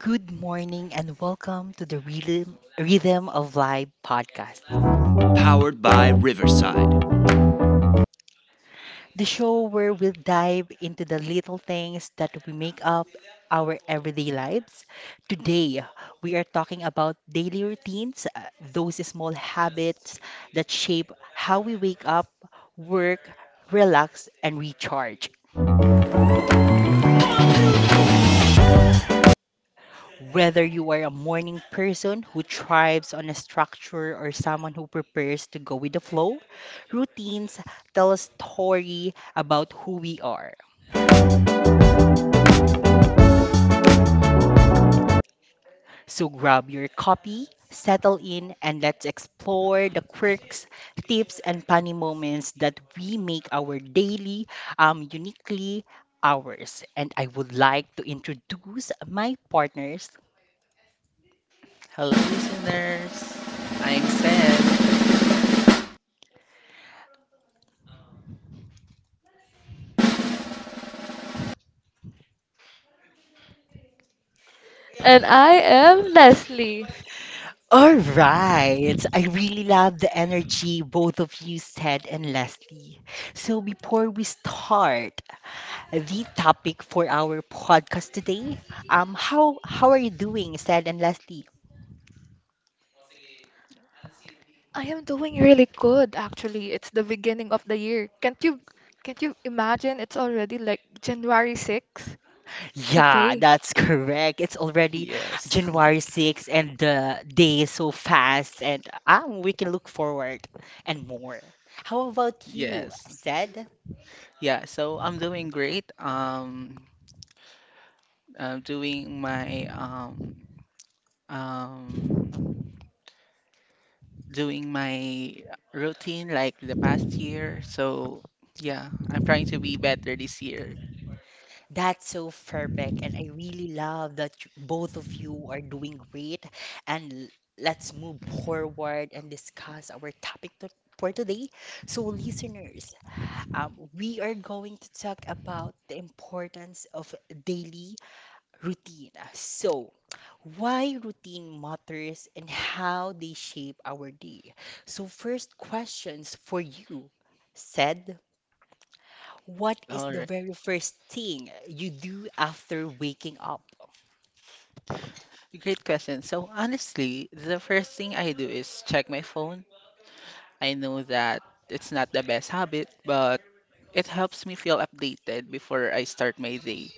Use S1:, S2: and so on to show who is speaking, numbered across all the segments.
S1: Good morning and welcome to the Rhythm, Rhythm of Life podcast, the show where we'll dive into the little things that we make up our everyday lives. Today, we are talking about daily routines, those small habits that shape how we wake up, work, relax, and recharge. Whether you are a morning person who thrives on a structure or someone who prepares to go with the flow, routines tell a story about who we are. So grab your copy, settle in, and let's explore the quirks, tips, and funny moments that we make our daily, uniquely ours. And I would like to introduce my partners.
S2: Hello, listeners. I'm sad.
S3: And I am Leslie.
S1: All right. I really love the energy both of you said and Leslie. So before we start the topic for our podcast today, how are you doing, said and Leslie?
S3: I am doing really good actually. It's the beginning of the year. Can't you imagine it's already like January 6th
S1: Yeah,
S3: today?
S1: that's correct. It's already
S2: Yes.
S1: January 6th and the day is so fast, and we can look forward and more. How about you,
S2: Yes.
S1: said?
S2: Yeah, so I'm doing great. I'm um doing my routine like the past year. So, yeah, I'm trying to be better this year.
S1: That's so perfect. And I really love that both of you are doing great. And let's move forward and discuss our topic to for today. So, listeners, we are going to talk about the importance of daily routine. So, why routine matters and how they shape our day. So, first questions for you, said. What is
S2: All
S1: the
S2: right.
S1: very first thing you do after waking up?
S2: Great question. So, honestly, the first thing I do is check my phone. I know that it's not the best habit, but it helps me feel updated before I start my day.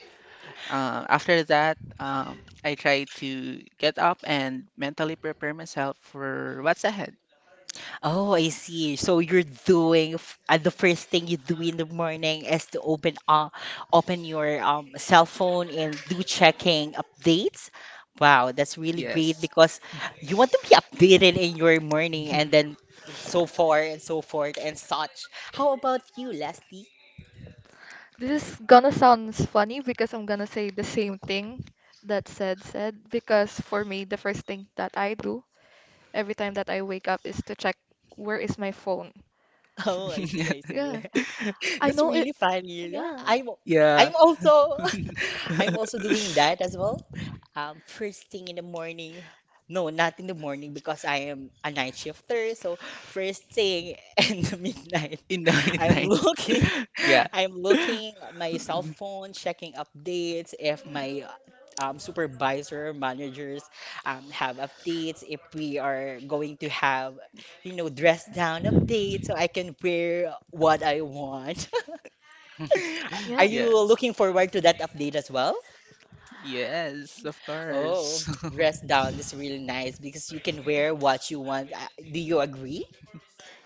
S2: After that, I try to get up and mentally prepare myself for what's ahead.
S1: Oh, I see. So you're doing the first thing you do in the morning is to open open your cell phone and do checking updates. Wow, that's really great
S2: Yes.
S1: because you want to be updated in your morning, and then so far and so forth and such. How about you, Leslie?
S3: This is gonna sound funny because I'm gonna say the same thing that said because for me the first thing that I do every time that I wake up is to check where is my phone.
S1: Oh, I see, I see.
S3: Yeah. I
S1: That's
S3: know it,
S1: really funny. Yeah,
S3: yeah.
S1: I'm
S2: Yeah.
S1: I'm also
S2: In
S1: I'm also doing that as well. First thing in the morning. No, not in the morning because I am a night shifter. So first thing in the midnight,
S2: the
S1: I'm
S2: midnight.
S1: looking,
S2: Yeah.
S1: I'm looking at my cell phone, checking updates if my supervisor managers have updates, if we are going to have you know, dress down update so I can wear what I want. Are
S3: Yeah.
S1: you
S2: Yes.
S1: looking forward to that update as well?
S2: Yes, of
S1: Oh,
S2: course.
S1: dress down is really nice because you can wear what you want. Do you agree?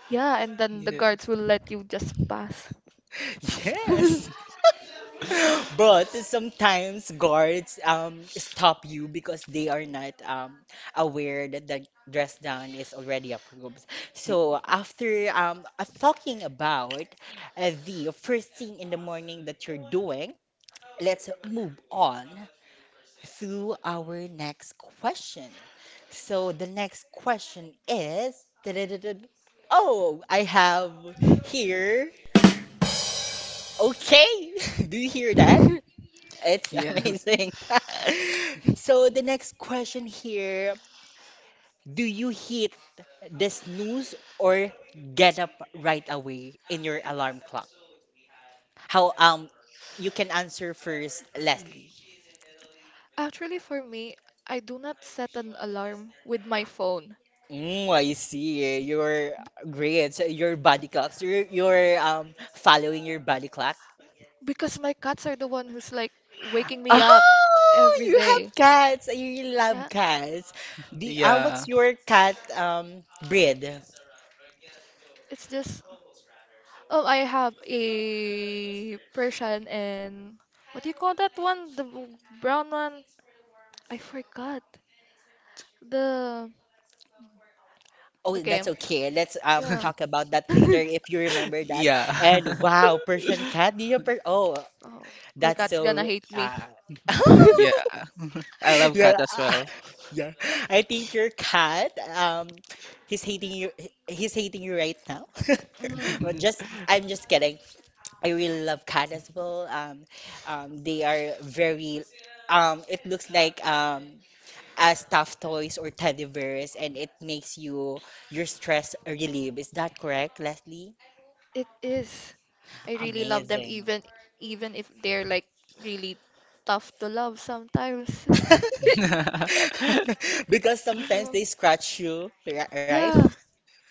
S3: Yeah, and then the guards
S2: Yes.
S3: will let you just pass.
S1: Yes. But sometimes guards stop you because they are not aware that the dress down is already approved. So after talking about the first thing in the morning that you're doing, let's move on through our next question. So the next question is, oh, I have here. Okay, do you hear that? It's
S2: yeah,
S3: Yeah.
S1: amazing. So the next question here, do you hit the snooze or get up right away in your alarm clock? How You can answer first, Leslie.
S3: Actually, for me, I do not set an alarm with my phone
S1: Mm, I see. You're great. So your body clocks. You're following your body clock.
S3: because my cats are the one who's like waking me up
S1: Oh,
S3: every
S1: you
S3: day.
S1: have cats. You really love
S3: Yeah,
S1: cats. The
S2: Yeah.
S1: What's your cat breed?
S3: it's just oh, I have a Persian and what do you call that one? The brown one? I forgot. The
S1: Oh,
S3: okay,
S1: that's okay. Let's
S3: yeah.
S1: talk about that later if you remember that.
S2: Yeah.
S1: And wow, Persian cat. Do you per oh,
S3: Oh, my
S1: that's
S3: cat's gonna
S1: so
S3: hate me.
S1: uh
S2: Yeah. I love
S1: Yeah,
S2: cat as well.
S1: yeah. I think your cat, he's hating you. He's hating you right now. But
S3: Mhm.
S1: just, I'm just kidding. I really love cat as well. They are very, it looks like stuffed toys or teddy bears, and it makes you your stress relieve. Is that correct, Leslie?
S3: It is. I really love them
S1: Amazing.
S3: even even if they're like really tough to love sometimes.
S1: Because sometimes
S3: Yeah.
S1: they scratch you, right?
S3: Yeah,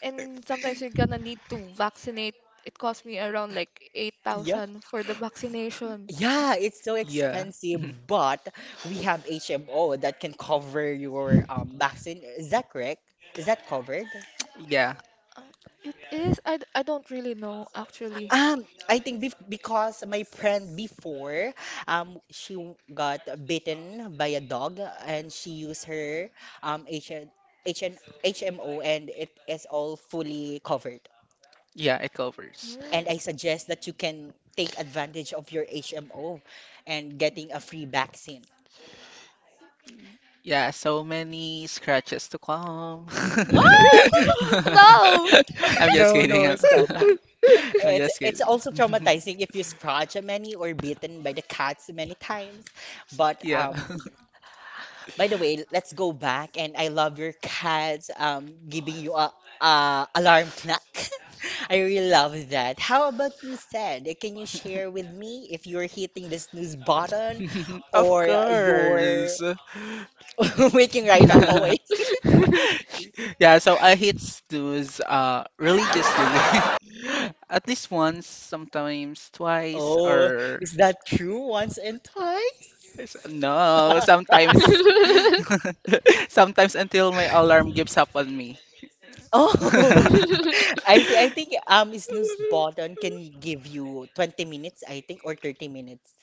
S3: and sometimes you're gonna need to vaccinate. It cost me around like
S1: Yeah.
S3: 8,000 for the vaccination.
S1: Yeah, it's so
S2: Yeah.
S1: expensive, but we have HMO that can cover your vaccine. Is that correct? Is that covered?
S2: Yeah.
S3: Uh, It is. I don't really know actually.
S1: Um, I think bef because my friend before, got bitten by a dog and she used her um HN, HN, HMO and it is all fully covered.
S2: Yeah, it covers.
S1: And I
S3: Mm.
S1: suggest that you can take advantage of your HMO and getting a free vaccine.
S2: Yeah, so many scratches to come.
S3: No.
S2: I'm just
S1: No,
S2: kidding.
S1: no,
S2: I'm,
S1: stop.
S2: I'm
S1: It's
S2: just
S1: it's
S2: kidding.
S1: also traumatizing if you scratch a many or bitten by the cats many times. But
S2: Yeah.
S1: by the way, let's go back. And I love your cats giving you a alarm clock. I really love that. How about you, said? Can you share with me if you're hitting the snooze button
S2: Of
S1: or you're
S2: course.
S1: waking right up awake?
S2: Yeah, so I hit snooze religiously. At least once, sometimes twice,
S1: Oh,
S2: or
S1: is that true once and twice?
S2: no, sometimes sometimes until my alarm gives up on me.
S1: Oh, I see. I think snooze button can give you 20 minutes, I think, or 30 minutes.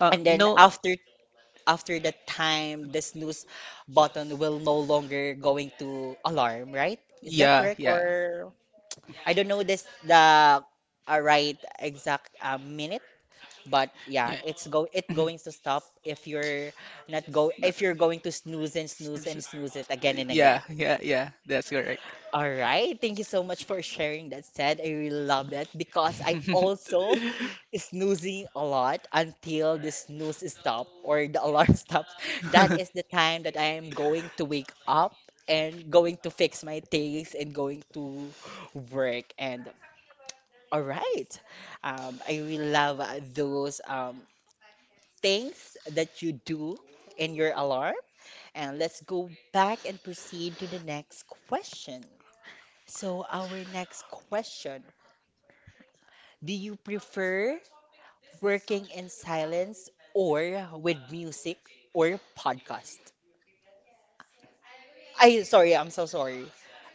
S1: And then
S2: No,
S1: after the time, the snooze button will no longer going to alarm, right? Is that
S2: yeah,
S1: correct?
S2: yeah,
S1: Or I don't know this the right exact minute, but yeah,
S2: yeah.
S1: it
S2: No,
S1: going to stop if you're not go if you're going to snooze and
S2: s-
S1: snooze and snooze it again
S2: s-
S1: and again.
S2: yeah, yeah, yeah, that's correct.
S1: All right. Thank you so much for sharing that said. I really love it because I also snoozing a lot until the snooze stop or the alarm stops. That is the time that I am going to wake up and going to fix my things and going to work. And all right. I really love those things that you do in your alarm. And let's go back and proceed to the next question. So, our next question, do you prefer working in silence or with music or podcast? I sorry, I'm so sorry.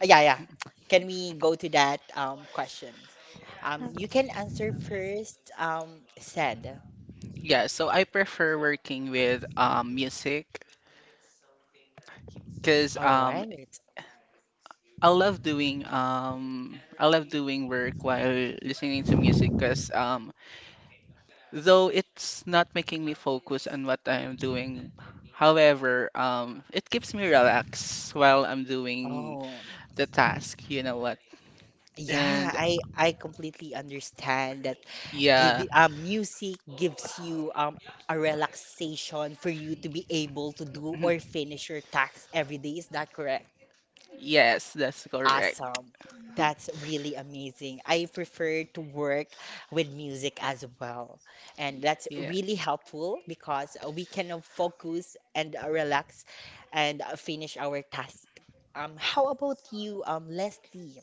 S1: Yeah, yeah. Can we go to that question? You can answer first, said.
S2: Yeah, so I prefer working with music because
S1: All
S2: um
S1: right.
S2: I love doing work while listening to music because though it's not making me focus on what I'm doing, however, it keeps me relaxed while I'm doing
S1: Oh,
S2: the task, you know what?
S1: yeah,
S2: And
S1: I completely understand that give
S2: yeah.
S1: music gives you a relaxation for you to be able to do or finish your tasks every day. Is that correct?
S2: Yes, that's correct.
S1: Awesome. That's really amazing. I prefer to work with music as well. And that's
S2: Yeah.
S1: really helpful because we can focus and relax and finish our task. How about you, Leslie?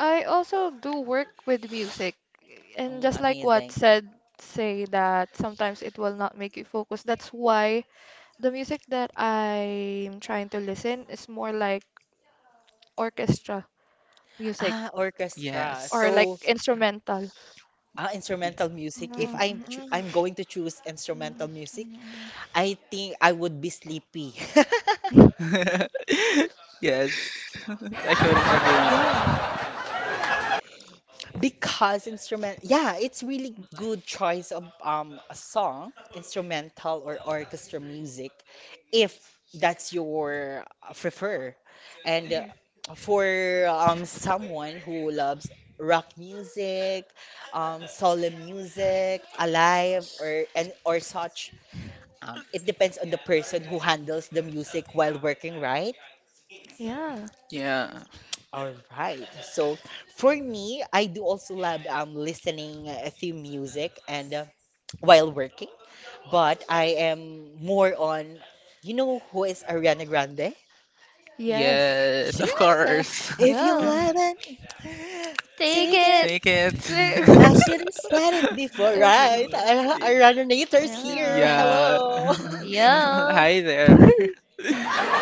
S3: I also do work with music, and
S1: Mm,
S3: just like what
S1: amazing.
S3: said, say that sometimes it will not make you focus. That's why the music that I'm trying to listen is more like orchestra music
S1: Ah, orchestra.
S3: or like
S1: So,
S2: Yes.
S3: instrumental.
S1: Instrumental
S3: Mm,
S1: music. If
S3: mm, mm,
S1: I'm going to choose instrumental music,
S3: mm.
S1: I think I would be sleepy.
S2: Yes. I couldn't agree more.
S3: Yeah.
S1: Because instrument, yeah, it's really good choice of a song, instrumental or orchestra music, if that's your prefer. And
S3: Mhm.
S1: for someone who loves rock music, solo music, alive or and or such, it depends on the person who handles the music while working, right?
S3: Yeah.
S2: Yeah.
S1: All right. So for me, I do also love listening to music and while working, but I am more on, you know, who is Ariana Grande?
S3: Yes.
S2: Yes, of
S1: Yes.
S2: course.
S1: If you
S3: Yeah.
S1: love it,
S3: Take
S1: take
S3: it.
S2: Snake
S1: it.
S3: Take-
S1: I
S2: it.
S1: should have said it before,
S3: If,
S1: right? Our Ariana Nators here.
S3: yeah.
S2: Yeah.
S1: Hello.
S3: Yeah.
S2: Hi there.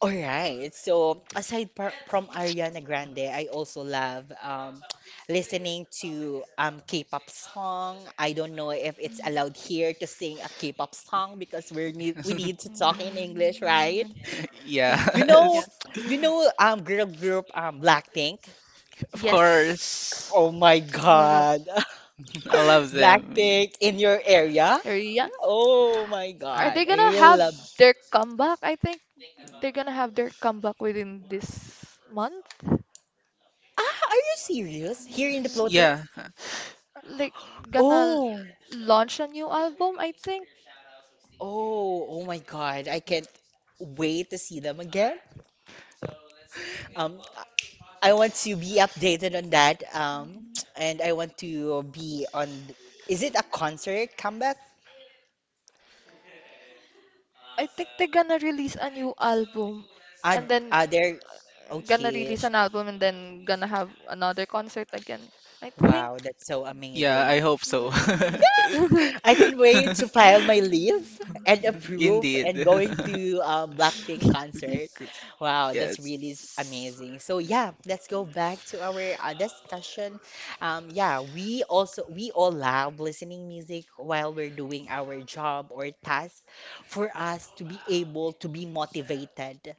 S1: Alright, so aside from Ariana Grande, I also love listening to K-pop song. I don't know if it's allowed here to sing a K-pop song because we need to talk in English, right?
S3: Mm, yes,
S1: You know,
S2: Yes,
S3: yes,
S1: you know, girl group Blackpink.
S2: of
S3: yes.
S2: course.
S1: Oh
S3: Oh
S1: my
S3: my God.
S1: God,
S2: I love them.
S1: Blackpink in your area?
S3: Are- Yeah.
S1: Oh my
S3: Are they
S1: God, I
S3: gonna
S1: really
S3: have
S1: love.
S3: their comeback? I think they're gonna have their comeback within this month.
S1: Ah, are you serious? Here in the
S3: Uh,
S2: Yeah,
S1: Philippines?
S3: Like gonna
S1: Oh.
S3: launch a new album, I think.
S1: Oh, oh my God. I can't wait to see them again. I want to be updated on that.
S3: Mm,
S1: And I want to be on. Is it a concert comeback?
S3: I think they're gonna release a new album and then
S1: Are there?
S3: gonna
S1: Okay.
S3: release
S1: sh-
S3: an album and then gonna have another concert again. I think.
S1: Wow, that's so
S2: yeah, I
S1: amazing.
S2: hope so.
S1: I can wait to file my leave
S3: Mm.
S1: and approve
S2: Indeed.
S1: and going to Blackpink concert. Wow, that's really
S2: Yes.
S1: amazing. So yeah, let's go back to our discussion. Yeah, we all love listening music while we're doing our job or task for us to be able to be motivated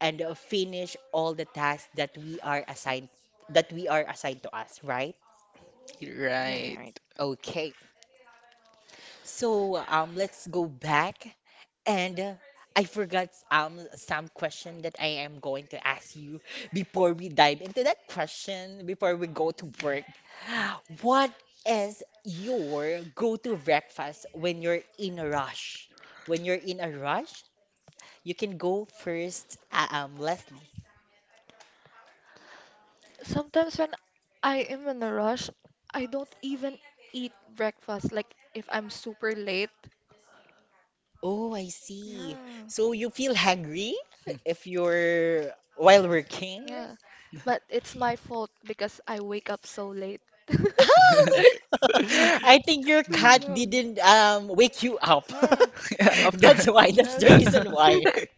S1: and finish all the tasks that we are assigned to us, right?
S2: Right.
S1: Okay. So let's go back. And I forgot some question that I am going to ask you before we dive into that question, before we go to work. What is your go-to breakfast when you're in a rush? When you're in a rush, you can go first, Leslie.
S3: Sometimes when I am in a rush, I don't even eat breakfast. Like if I'm super late.
S1: Oh, I see.
S3: Yeah,
S1: So you feel hungry if you're while working?
S3: yeah. But it's my fault because I wake up so late.
S1: I think your cat
S3: Mm,
S1: didn't wake you up.
S2: Yeah, of course.
S1: That's why. That's
S3: yes.
S1: the reason why.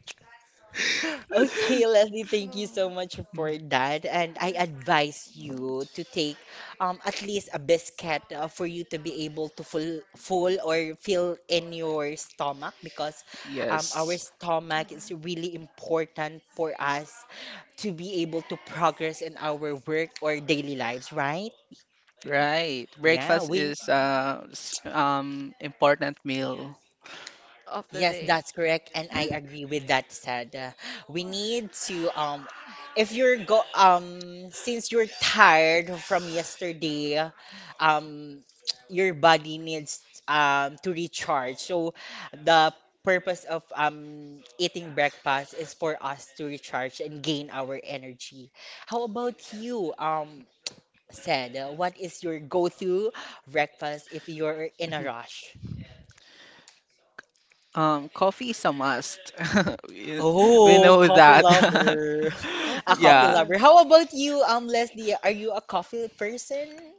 S1: Okay, Leslie, thank you so much for that. And I advise you to take at least a biscuit for you to be able to full full or fill in your stomach because our
S2: Yes.
S1: stomach is really important for us to be able to progress in our work or daily lives, right?
S2: Right.
S1: Yeah,
S2: Breakfast
S1: we
S2: is s- important meal.
S3: Of the
S1: yes,
S3: day.
S1: that's correct, and I agree with that said. We need to if you're go since you're tired from yesterday, um your body needs to recharge. So the purpose of eating breakfast is for us to recharge and gain our energy. How about you? Said, what is your go-to breakfast if you're in a rush?
S2: Coffee is a must. We we
S1: Oh,
S2: know
S1: coffee
S2: that.
S1: lover.
S3: Coffee
S1: A coffee
S2: Yeah.
S3: lover.
S1: lover. How about you, Leslie? Are you a coffee person?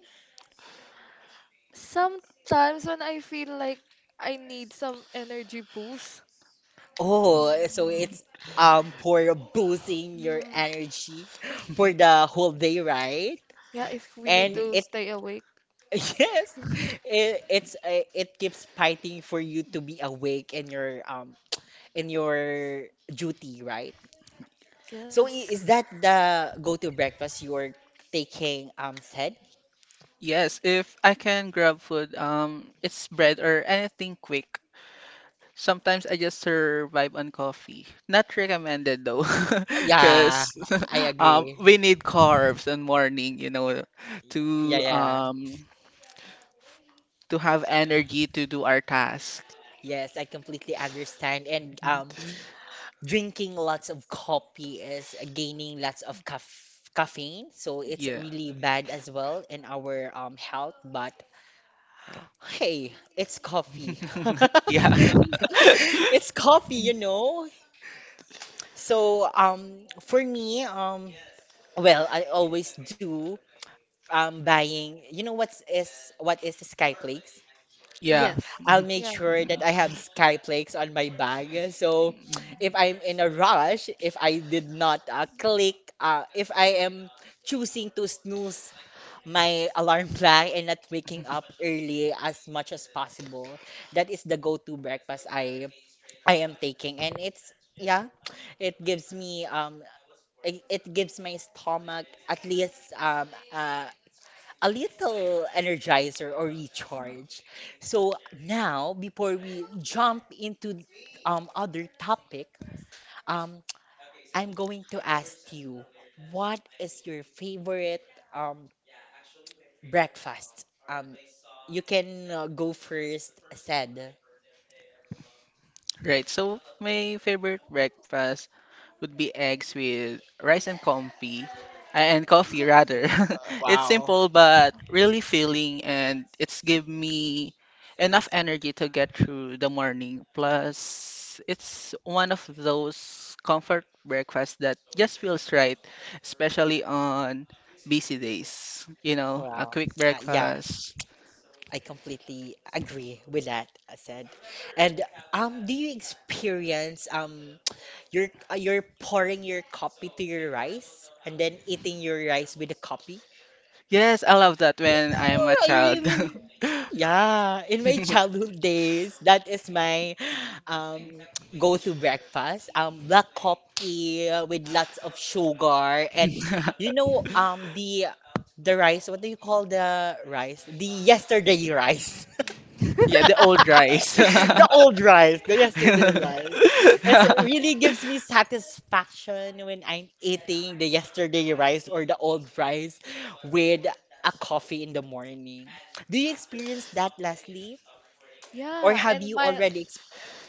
S3: Sometimes when I feel like I need some energy boost.
S1: Oh, so
S3: Mm,
S1: it's for boosting your
S3: mm,
S1: energy for the whole day, right?
S3: yeah, if we need
S1: And
S3: to
S1: it
S3: stay awake.
S1: yes, it's it keeps fighting for you to be awake in your duty, right? So
S3: Yes.
S1: is that the go-to breakfast you're taking, said?
S2: Yes, if I can grab food, it's bread or anything quick. Sometimes I just survive on coffee. Not recommended though,
S1: Yeah,
S2: because
S1: I agree.
S2: we need carbs in morning, you know,
S1: Yeah,
S2: to
S1: yeah, yeah.
S2: um to have energy to do our task.
S1: Yes, I completely understand. And drinking lots of coffee is gaining lots of caffeine, so it's
S2: Yeah.
S1: really bad as well in our health. But hey, it's coffee.
S2: Yeah.
S1: It's coffee. So for me, well, I always do buying. You know what is the Skyflakes?
S2: Yeah.
S3: Yes.
S1: I'll make
S3: Yeah.
S1: sure that I have Skyplex on my bag. So if I'm in a rush, if I did not click, if I am choosing to snooze my alarm clock and not waking up early as much as possible, that is the go-to breakfast I am taking, and it's yeah, it gives me it gives my stomach at least a little energizer or
S3: Mhm.
S1: recharge. So now, before we jump into other topic, um, I'm going to ask you, what is your favorite um, breakfast? You can go first, said.
S2: Right. So my favorite breakfast would be eggs with rice and comfy and coffee rather.
S3: Uh,
S2: It's
S1: Wow.
S2: simple but really filling and it's give me enough energy to get through the morning. Plus it's one of those comfort breakfasts that just feels right, especially on busy days. You know, a
S1: Wow.
S2: quick
S1: Yeah.
S2: breakfast.
S1: I completely agree with that, I said. And do you experience you're pouring your coffee to your rice and then eating your rice with the coffee?
S2: Yes, I love that when
S1: Yeah,
S2: I'm a
S1: I
S2: child.
S1: really yeah. In my childhood days, that is my um go-to breakfast. Black coffee with lots of sugar and you know the rice. What do you call the rice? The yesterday rice.
S2: Yeah, the old rice.
S1: The old rice, the yesterday rice. It really gives me satisfaction when I'm eating the yesterday rice or the old rice with a coffee in the morning. Do you experience that, Leslie? Or
S3: yeah,
S1: have
S3: and
S1: you
S3: my
S1: already ex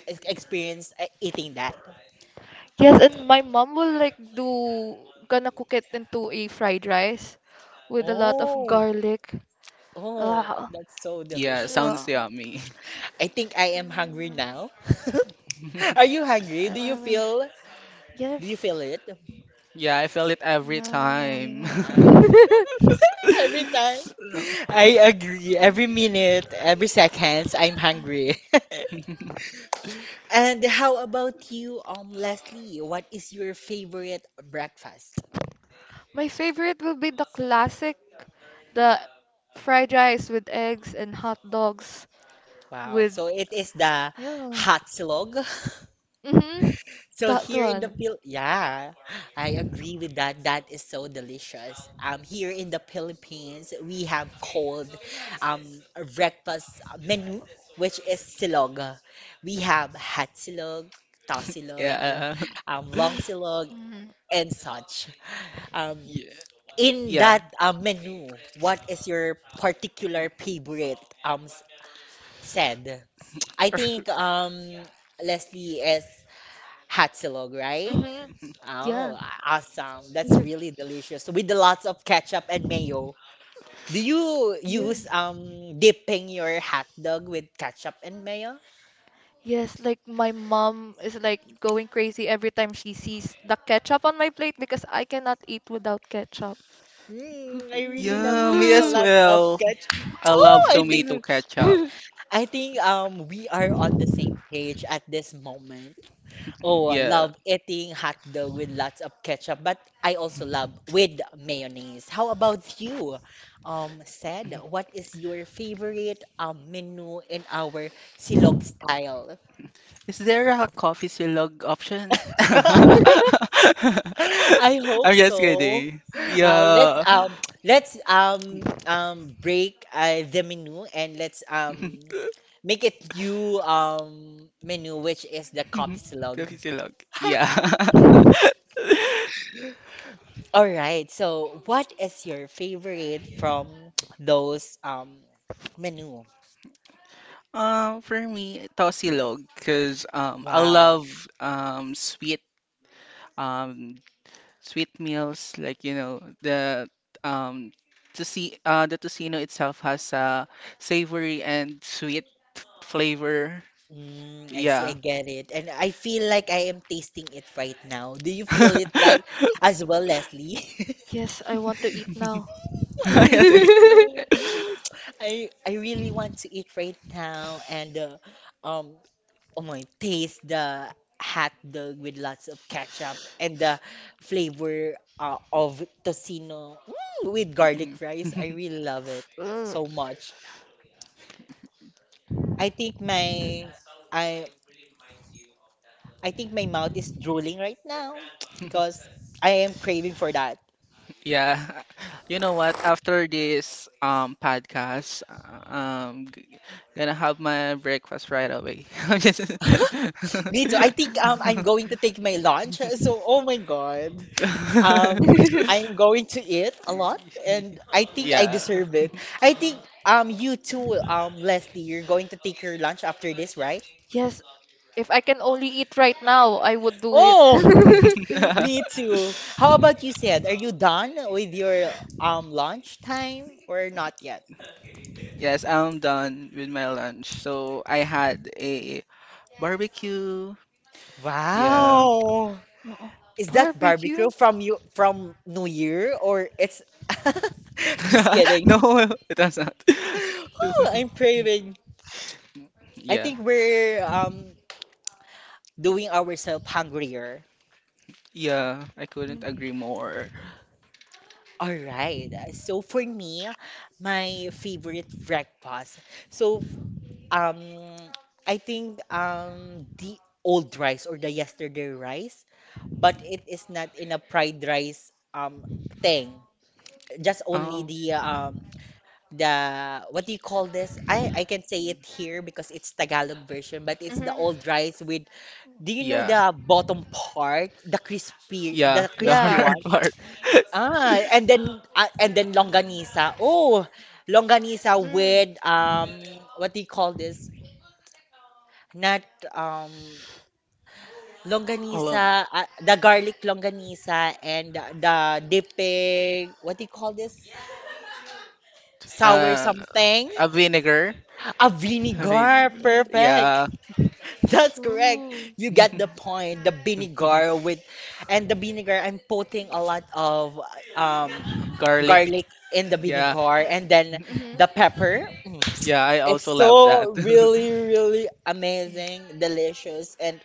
S1: ex- experienced eating that?
S3: yes, and my mom will like do gonna cook it into a fried rice with a lot of
S1: Oh,
S3: garlic.
S1: oh,
S3: Ah,
S1: that's so
S2: Yeah,
S1: delicious.
S2: sounds
S3: yeah.
S2: yummy.
S1: I think I am hungry
S3: Mm,
S1: now. Are you hungry?
S3: I love it.
S1: Do you feel
S3: Yes.
S1: it?
S2: Yeah, I feel it every time.
S3: Mm.
S1: Yeah. Every time. I agree. Every
S3: Mm.
S1: minute, every seconds, I'm hungry. And how about you, Leslie? What is your favorite breakfast?
S3: My favorite will be the classic, the fried rice with eggs and hot dogs
S1: Wow.
S3: with
S1: So it is the
S3: yeah.
S1: hot slog.
S3: Mhm.
S1: So
S3: That
S1: here in the
S3: one.
S1: Phil, yeah. I agree with that. That is so delicious. Here in the Philippines, we have called um a breakfast menu, which is silog. We have hot silog, tosilog,
S2: Yeah.
S1: long silog,
S3: Mhm.
S1: and such. Um,
S2: Yeah.
S1: in
S2: Yeah.
S1: that menu, what is your particular favorite said? I think Leslie is hot silog, right?
S3: Mhm. Yeah.
S1: Oh, awesome. That's really delicious. With the lots of ketchup and mayo. Do you
S3: Yeah.
S1: use dipping your hot dog with ketchup and mayo?
S3: Yes, like my mom is like going crazy every time she sees the ketchup on my plate because I cannot eat without ketchup.
S1: Mm, I really love
S2: Yeah, me
S1: eating a
S2: as
S1: lot of
S2: well.
S1: ketchup.
S2: I
S1: Oh,
S2: love tomato ketchup.
S1: I think we are on the same page at this moment. Oh,
S2: Yeah.
S1: love eating hot dog with lots of ketchup, but I also love with mayonnaise. How about you? Said, what is your favorite menu in our silog style?
S2: Is there a coffee silog option?
S1: I hope
S2: I'm just
S1: so.
S2: kidding.
S1: Let's
S2: Yeah.
S1: um let's break the menu and let's make it new menu which is the copy
S2: The
S1: silog.
S2: Silog. Yeah.
S1: All right. So, what is your favorite from those menu?
S2: For me, Tosilog, because I
S1: Wow.
S2: love um sweet um sweet meals like you know the um to see the tocino itself has a savory and sweet flavor.
S1: Mm, I see. I
S2: Yeah.
S1: get it. And I feel like I am tasting it right now. Do you feel it like as well, Leslie?
S3: Yes, I want to eat now.
S1: What are
S2: Yeah,
S1: you
S2: they-
S1: eating? I really want to eat right now and um Oh my, taste the hot dog with lots of ketchup and the flavor of tocino mm, with
S2: Mm.
S1: garlic rice. I really love it so much. I think my I I think my mouth is drooling right now because I am craving for that.
S2: Yeah. You know what? After this podcast, gonna have my breakfast right away. I'm just
S1: Me too. I think
S3: Mm.
S1: I'm going to take my lunch. So oh my God. Um, I am going to eat a lot, and I think I
S2: Yeah.
S1: deserve it. I think you too, Leslie, you're going to take your lunch after this, right?
S3: Yes, if I can only eat right now, I would do it.
S1: Oh, me too. How about you, said? Are you done with your lunch time or not yet?
S2: Yes, I'm done with my lunch. So I had a barbecue. Yeah.
S1: Wow.
S3: Oo.
S1: Is that
S3: Barbecue?
S1: barbecue from you from New Year or it's just kidding.
S2: No, it was not.
S1: Oh, I'm craving. I
S2: Yeah.
S1: think we're doing ourselves hungrier.
S2: Yeah, I couldn't agree more.
S1: All right. So for me, my favorite breakfast. So um I think the old rice or the yesterday rice, but it is not in a fried rice thing. Just only
S2: Oh.
S1: the what do you call this? I can say it
S2: Mm.
S1: here because it's Tagalog version, but it's the
S3: Mm-hmm.
S1: old rice with do you know
S2: Yeah,
S1: the bottom part, the crispy
S2: yeah,
S1: the
S2: the
S1: crispy
S3: Yeah.
S2: hard
S1: one?
S2: part.
S1: Ah, and then longanisa. Oh, longanisa
S3: Mm.
S1: with what do you call this? Not um
S2: Hold
S1: longanisa, the garlic longanisa and the dipping, what do you call this?
S2: on.
S1: Sour something?
S2: A vinegar.
S1: A
S2: A
S1: vinegar.
S2: vinegar.
S3: Mm.
S1: Perfect.
S2: Yeah.
S1: That's correct.
S3: Ooh.
S1: You get the point. The vinegar with and the vinegar I'm putting a lot of um
S2: Garlic.
S1: garlic in the
S2: Yeah,
S1: vinegar and then the
S3: Mm-hmm.
S1: pepper. Mm.
S2: yeah, I also
S1: It's
S2: love that.
S1: so really, really amazing, delicious, and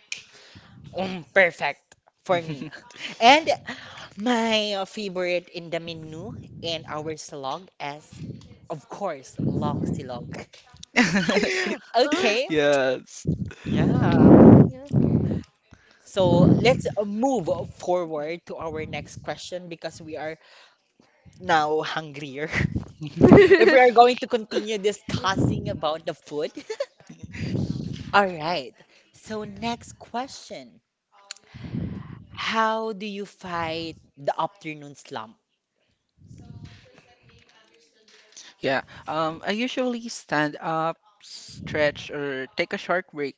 S1: mm, perfect for me. And my favorite in the menu in our silog is, of course, long silog. Okay,
S2: Yes.
S1: yeah.
S3: Yeah.
S1: So let's move forward to our next question because we are now hungrier. If we are going to continue discussing about the food. All right. So next question. How do you fight the afternoon slump?
S2: Yeah. I usually stand up, stretch, or take a short break.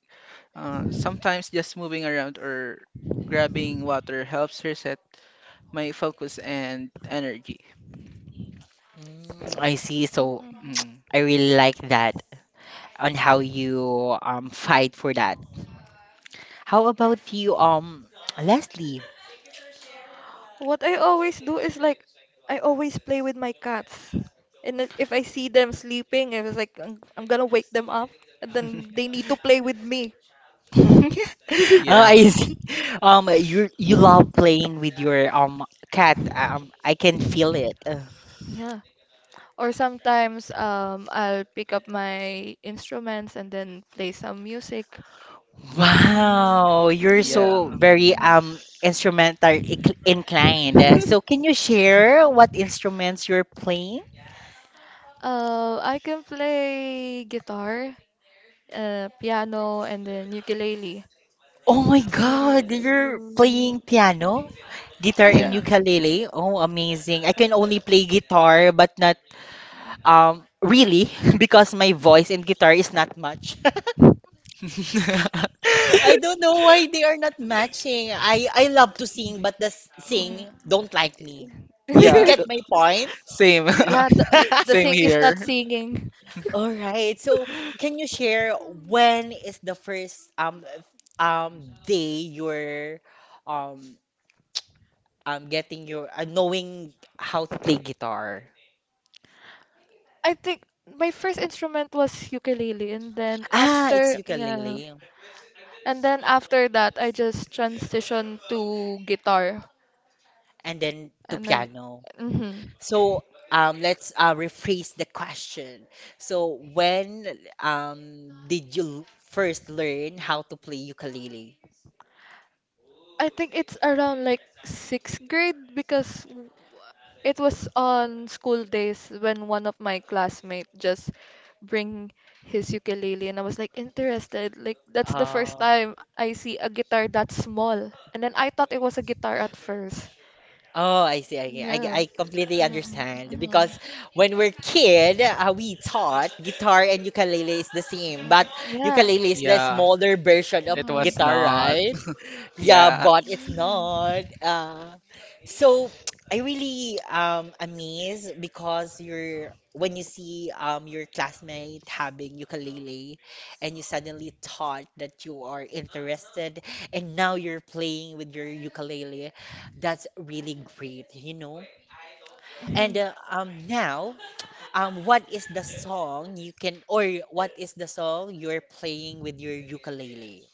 S2: Sometimes just moving around or grabbing water helps reset my focus and energy.
S1: Mm, I see. So
S3: Mm.
S2: Mm-hmm.
S1: I really like that on how you fight for that. How about you, Leslie?
S3: What I always do is like I always play with my cats. And if I see them sleeping, I was like I'm gonna wake them up and then they need to play with me.
S1: Oh,
S2: Yeah,
S1: I see. You love playing with your cat. I can feel it.
S3: Yeah. Or sometimes I'll pick up my instruments and then play some music.
S1: Wow, you're
S2: yeah,
S1: so very
S3: Mm.
S1: instrumental inclined. So can you share what instruments you're playing?
S3: I can play guitar, piano, and then ukulele.
S1: Oh my God, you're playing piano, guitar, and
S2: yeah.
S3: Mhm.
S1: ukulele. Oh, amazing. I can only play guitar, but not really because my voice and guitar is not much. I don't know why they are not matching. I love to sing, but the sing
S3: Mm.
S1: don't like me. Did you
S2: Yeah,
S1: get my point?
S2: same.
S3: Yeah, the
S2: Same
S3: thing is not
S2: here.
S3: singing.
S1: All right. So, can you share when is the first day your um getting your knowing how to play guitar.
S3: I think my first instrument was ukulele, and then
S1: Ah, it's
S3: after, yeah,
S1: ukulele
S3: and then after that, I just transitioned to guitar,
S1: and then to
S3: and then,
S1: piano.
S3: mhm.
S1: So let's rephrase the question. So when did you first learn how to play ukulele?
S3: I think it's around like sixth grade because it was on school days when one of my classmates just bring his ukulele and I was like interested. Like that's the first
S1: Uh,
S3: time I see a guitar that small. And then I thought it was a guitar at first.
S1: oh, I see. I, I,
S3: Yeah.
S1: I completely
S3: Mm,
S1: understand
S3: mhm,
S1: because
S3: mhm,
S1: when we're kid, we thought guitar and ukulele is the same, but
S3: yeah.
S1: ukulele is the
S2: Yeah,
S1: smaller version of
S2: it was
S3: Mhm,
S1: guitar,
S2: not.
S1: right? Yeah,
S2: Yeah.
S1: but it's
S3: mhm,
S1: not. So I really amazed because you're when you see your classmate having ukulele and you suddenly thought that you are interested and now you're playing with your ukulele, that's really great, you know? And
S3: mhm.
S1: now what is the song you can or what is the song you're playing with your ukulele?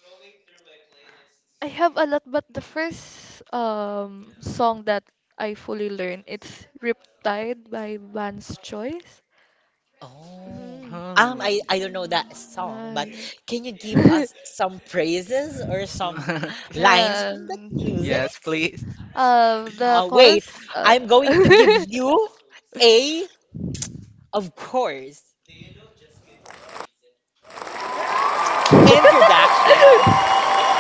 S3: I have a lot, but the first song that I fully learned it's Riptide by Vance Choice.
S1: Oh.
S3: Mhm.
S2: Oh.
S1: I don't know that song, but
S3: Mm,
S1: can you give us some praises or some lines
S3: yeah.
S1: from that
S2: Yes,
S1: music?
S2: please.
S3: The
S1: Wait,
S3: chorus.
S1: I'm going to give you a, of course, introduction.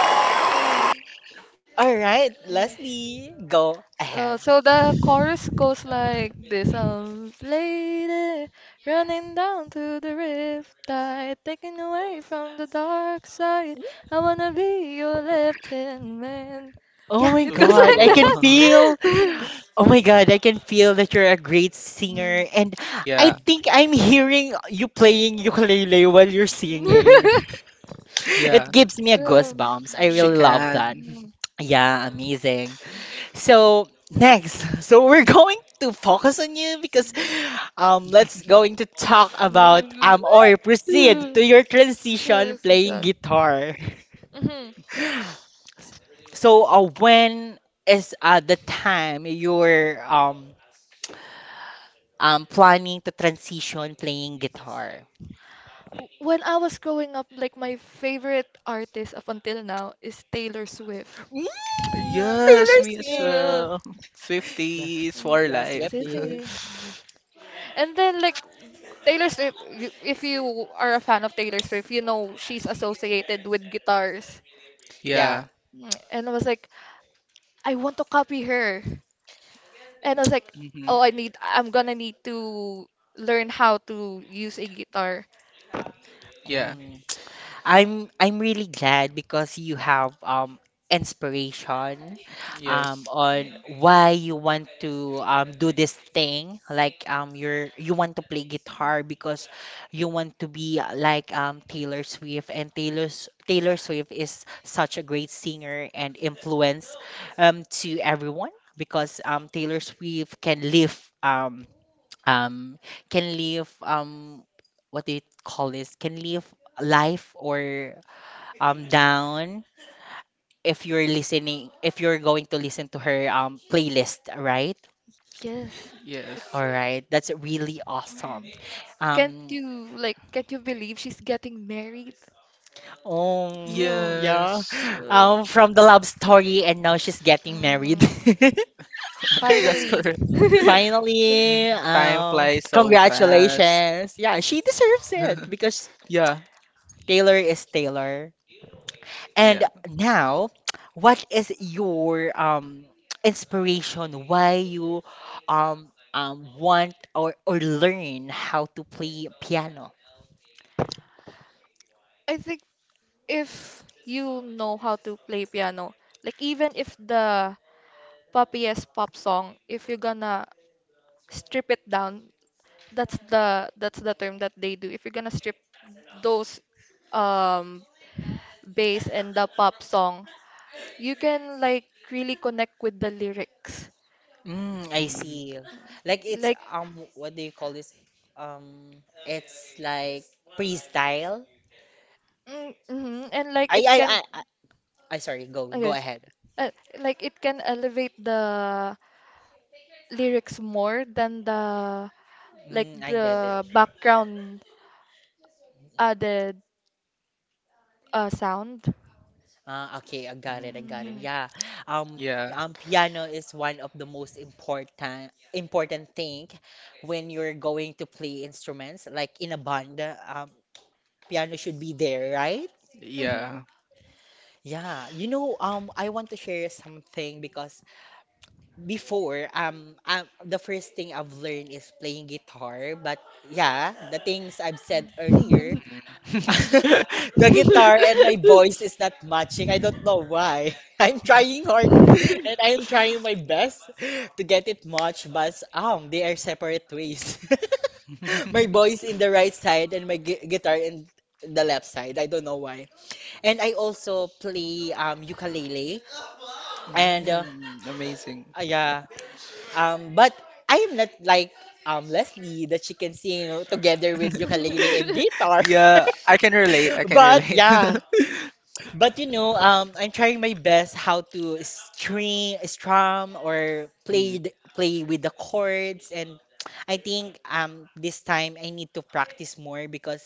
S1: All right, Leslie, go ahead.
S3: So the chorus goes like this lady running down to the riptide taken away from the dark side I wanna be your left hand man
S1: Oh
S3: yeah
S1: my
S3: it goes
S1: God,
S3: like
S1: I can
S2: Ooh.
S1: feel.
S3: that.
S1: Oh my God, I can feel that you're a great singer,
S3: Mm.
S1: and I
S2: Yeah,
S1: think I'm hearing you playing ukulele while you're singing. It
S2: yeah.
S1: gives me a goosebumps. I
S2: She
S1: really
S3: Mm,
S1: love that.
S2: can.
S1: Yeah, amazing. So next, so we're going to focus on you because let's going to talk about or proceed
S3: mm.
S1: to your transition
S3: Yes,
S1: playing
S3: Susan.
S1: guitar.
S3: Mhm.
S1: So when is the time you're planning to transition playing guitar?
S3: When I was growing up, like my favorite artist up until now is Taylor Swift.
S1: Mm,
S2: Yes,
S1: Taylor
S2: me as
S1: Swift.
S3: Yeah.
S2: well.
S1: Yeah,
S2: Swifties
S3: I-
S2: for
S1: yeah,
S2: life.
S1: Swift
S3: City.
S1: is.
S3: And then like Taylor Swift, if you are a fan of Taylor Swift, you know she's associated with guitars.
S1: Yeah.
S2: Yeah.
S3: Mm, and I was like, I want to copy her. And I was like,
S2: hmm
S3: oh, I'm gonna need to learn how to use a guitar.
S2: Yeah.
S1: Mm. I'm really glad because you have inspiration
S2: Yes.
S1: on why you want to do this thing, like you're you want to play guitar because you want to be like Taylor Swift, and Taylor Swift is such a great singer and influence to everyone because Taylor Swift um um can live what do you call this, can live life or down if you're listening, if you're going to listen to her playlist, right?
S3: Yes.
S2: Yes.
S1: All right, that's really awesome.
S3: Mm.
S1: um
S3: Can't you believe she's getting married? Whoa.
S1: yeah,
S2: Yes.
S1: from the love story and now she's getting married.
S3: Mm,
S2: That's
S3: finally.
S2: correct.
S1: Finally,
S2: Mhm. Time flies so fast.
S1: congratulations. Yeah, she deserves it because
S2: Yeah.
S1: Taylor is Taylor. And
S2: Yeah.
S1: now, what is your inspiration? Why you want or learn how to play piano?
S3: I think if you know how to play piano, like even if the poppiest pop song, if you're gonna strip it down, that's the term that they do. If you're gonna strip those um bass and the pop song, you can like really connect with the lyrics.
S1: Mm, I
S2: Mm,
S1: see. Like it's
S3: Like
S1: um, what do you call this? It's like freestyle.
S3: mm, mhm, and like
S1: I
S3: it
S1: I
S3: can
S1: I I, I sorry. Go
S3: I
S1: go
S3: guess,
S1: ahead.
S3: uh, like it can elevate the lyrics more than the like
S1: Mm, I get it.
S3: the background added sound.
S1: Ah, okay, I got it.
S2: mm,
S1: I got it.
S3: Mm-hmm.
S1: Yeah. Um,
S2: Yeah.
S1: Piano is one of the most important thing when you're going to play instruments, like in a band. Piano should be there, right?
S3: Mm-hmm.
S2: Yeah.
S1: Yeah. You know, I want to share something because before, the first thing I've learned is playing guitar. But yeah, the things I've said earlier,
S2: Mm.
S1: the guitar and my voice is not matching. I don't know why. I'm trying hard and I'm trying my best to get it matched, but they are separate ways. My voice in the right side and my guitar in the left side. I don't know why. And I also play ukulele and
S2: Mm. Amazing.
S1: yeah, but I am not like Leslie that she can sing together with ukulele and guitar.
S2: Yeah, I can relate. I can
S1: But
S2: relate.
S1: yeah, But you know, I'm trying my best how to string, strum, or play
S2: Mm,
S1: th- play with the chords. And I think this time I need to practice more because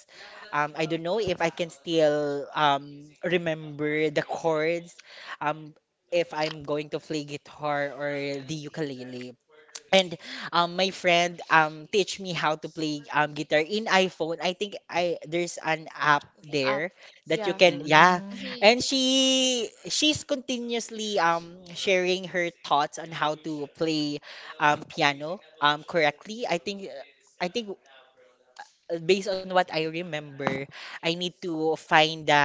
S1: I don't know if I can still remember the chords um if I'm going to play guitar or the ukulele. And my friend teach me how to play guitar in iPhone. I think I there's an app
S3: Up.
S1: there that you
S3: Yeah.
S1: can, yeah.
S2: mm,
S3: Mm-hmm.
S1: And she's continuously sharing her thoughts on how to play piano correctly. I think based on what I remember, I need to find the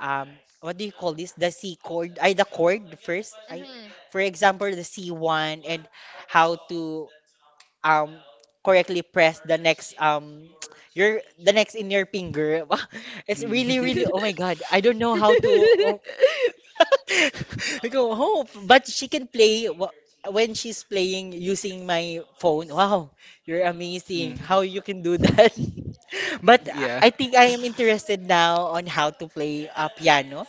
S1: what do you call this? The C chord, I the chord first. I
S3: Mm-hmm.
S1: For example, the C one. And how to um correctly press the next your the next in your finger. It's
S2: mm,
S1: really really, oh my god, I don't know how to, oh, I go home but she can play when she's playing using my phone. Wow, you're amazing
S2: mm,
S1: how you can do that. but i
S2: Yeah.
S1: I think I am interested now on how to play piano.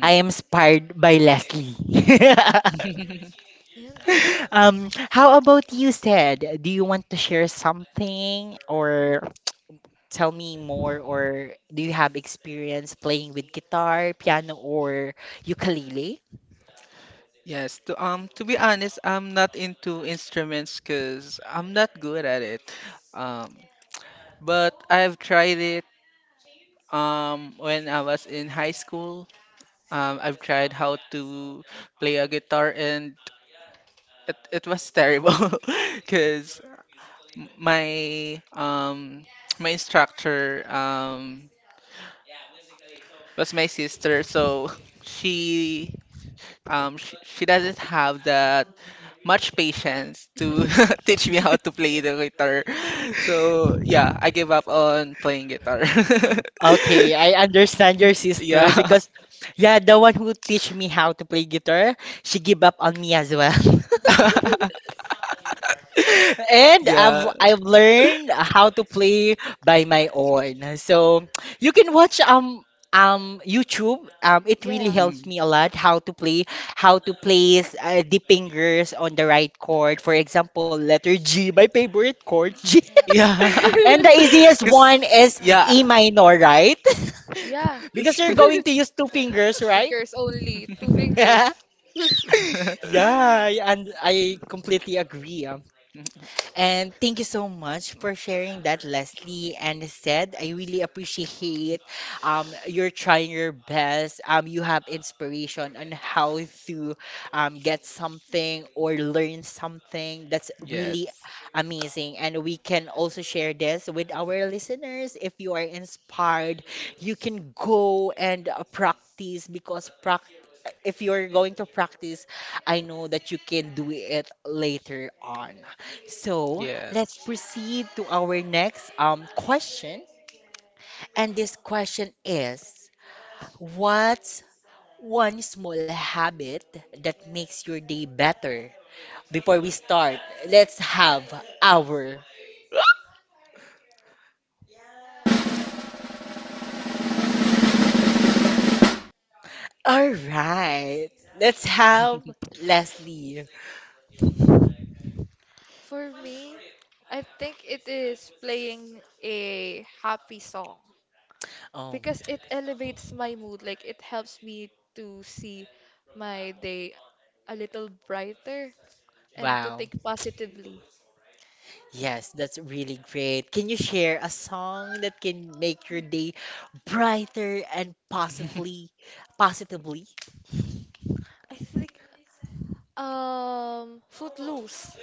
S2: Mm.
S1: I am inspired by Leslie.
S3: Yeah.
S1: How about you, Ted? Do you want to share something, or tell me more, or do you have experience playing with guitar, piano, or ukulele?
S2: Yes, to be honest, I'm not into instruments because 'cause I'm not good at it. Um, but I've tried it when I was in high school. I've tried how to play a guitar and it was terrible because my my instructor was my sister, so she she doesn't have that much patience to teach me how to play the guitar. So yeah, I gave up on playing guitar.
S1: Okay, I understand your sister
S2: Yeah.
S1: because, yeah, the one who teach me how to play guitar, she give up on me as well. And I've
S2: Yeah.
S1: I've learned how to play by my own. So you can watch YouTube. It really
S3: Yeah.
S1: helps
S2: Mm.
S1: me a lot how to play, how to place the fingers on the right chord. For example, letter G, my favorite chord G.
S2: Yeah.
S1: And
S3: Mm.
S1: the easiest
S2: Cause
S1: one is
S3: Uh,
S1: E
S2: Yeah.
S1: minor, right?
S3: yeah.
S1: Because you're going to use two
S3: That is
S1: fingers,
S3: two
S1: right?
S3: fingers only. Two fingers.
S1: Yeah, and I completely agree. Um. And thank you so much for sharing that, Leslie and said. I really appreciate you're trying your best. Um, you have inspiration on how to get something or learn something. That's really
S2: Yes.
S1: amazing. And we can also share this with our listeners. If you are inspired, you can go and practice. Because practice if you're going to practice, I know that you can do it later on. So
S2: Yeah.
S1: let's proceed to our next question. And this question is, what's one small habit that makes your day better? Before we start, let's have our. All right. Let's have Leslie.
S3: For me, I think it is playing a happy song,
S1: Oh,
S3: because it elevates my mood. Like it helps me to see my day a little brighter and to
S1: wow.
S3: think positively.
S1: Yes, that's really great. Can you share a song that can make your day brighter and, possibly, positively?
S3: I think Footloose.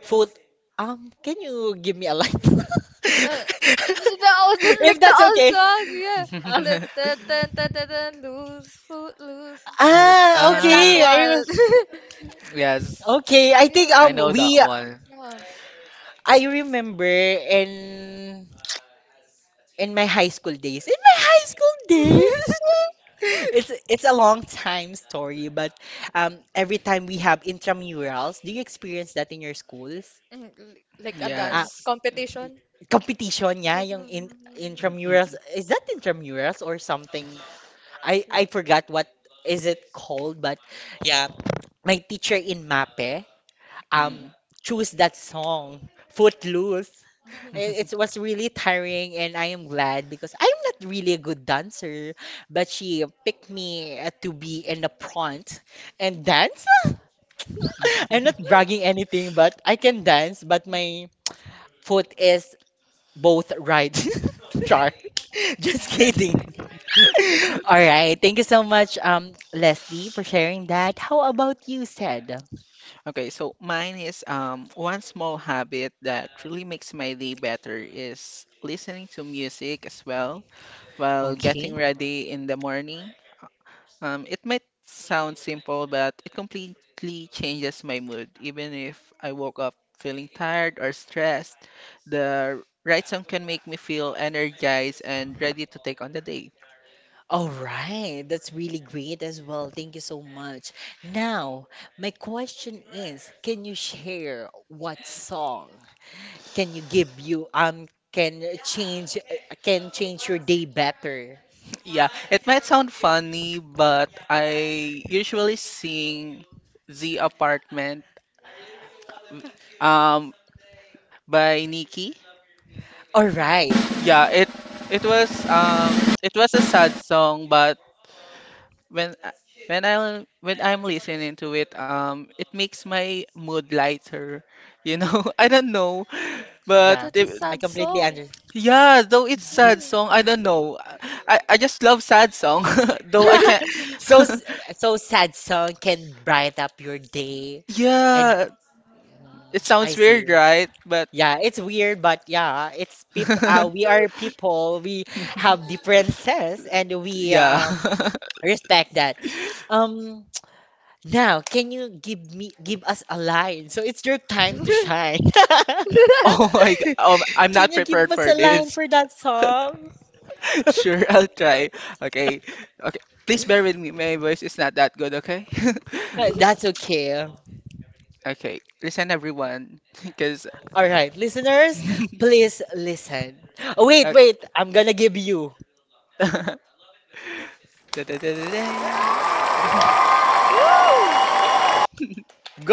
S1: Food. Can you give me a light?
S3: Uh, the old
S1: If
S3: like the
S1: that's
S3: old
S1: okay.
S3: song, yeah.
S1: Uh,
S3: The Loose, footloose.
S2: Yes.
S1: ah,
S3: Yeah, that
S1: okay.
S2: Ah.
S1: I
S3: one.
S1: remember.
S2: Yes.
S1: Okay, I think
S2: I
S3: Yeah.
S2: know that
S1: we
S2: one.
S3: Yeah.
S1: I remember, in in my high school days. In my high school days. It's a long time story, but every time we have intramurals, do you experience that in your schools?
S3: Mm, like a
S1: Uh,
S3: dance
S2: Yes.
S3: competition.
S1: competition, yeah,
S3: There's
S1: yung
S3: a-
S1: in intramurals.
S2: Mm.
S1: Is that intramurals or something? I forgot what is it called, but yeah, my teacher in MAPE um choose that song, Footloose.
S3: Mhm.
S1: It was really tiring, and I am glad because I'm not really a good dancer, but she picked me to be in the front and dance. I'm not bragging anything, but I can dance, but my foot is both right. Char. Just kidding. All right. Thank you so much, Leslie, for sharing that. How about you, said?
S2: Okay, so mine is one small habit that really makes my day better is listening to music as well, while getting
S1: Okay.
S2: ready in the morning. It might sound simple, but it completely changes my mood. Even if I woke up feeling tired or stressed, the right song can make me feel energized and ready to take on the day.
S1: All right. That's really great as well. Thank you so much. Now, my question is, can you share what song can you give you can change your day better?
S2: Yeah, it might sound funny, but I usually sing The Apartment um by Nikki.
S1: All right.
S2: Yeah, it was it was a sad song, but when I- when I'm listening to it, it makes my mood lighter, you know. I don't know, but
S1: Yeah.
S3: That's a
S2: it-
S1: I
S3: sad
S1: completely
S3: song.
S1: understand.
S2: yeah, though it's sad
S3: Mm.
S2: song, I don't know. I just love sad song, though I can't.
S1: So so sad song can bright up your day, and
S2: Yeah, it
S1: mm,
S2: sounds
S1: I
S2: weird,
S1: see.
S2: right? But
S1: Yeah, it's weird, but yeah, it's people. We are people. We have differences, and we
S2: yeah.
S1: respect that. Um, now, can you give us a line? So it's your time to shine.
S2: Oh my God, I'm
S1: Can
S2: not
S1: you give
S2: prepared
S1: us a
S2: for
S1: line
S2: this.
S1: for that song?
S2: Sure, I'll try. Okay, okay. Please bear with me. My voice is not that good. Okay.
S1: That's okay. All
S2: Okay, listen everyone, because
S1: right, listeners, please listen. Oh, wait,
S2: uh,
S1: wait. I'm gonna give you.
S2: da-da-da-da-dang.
S3: Woo!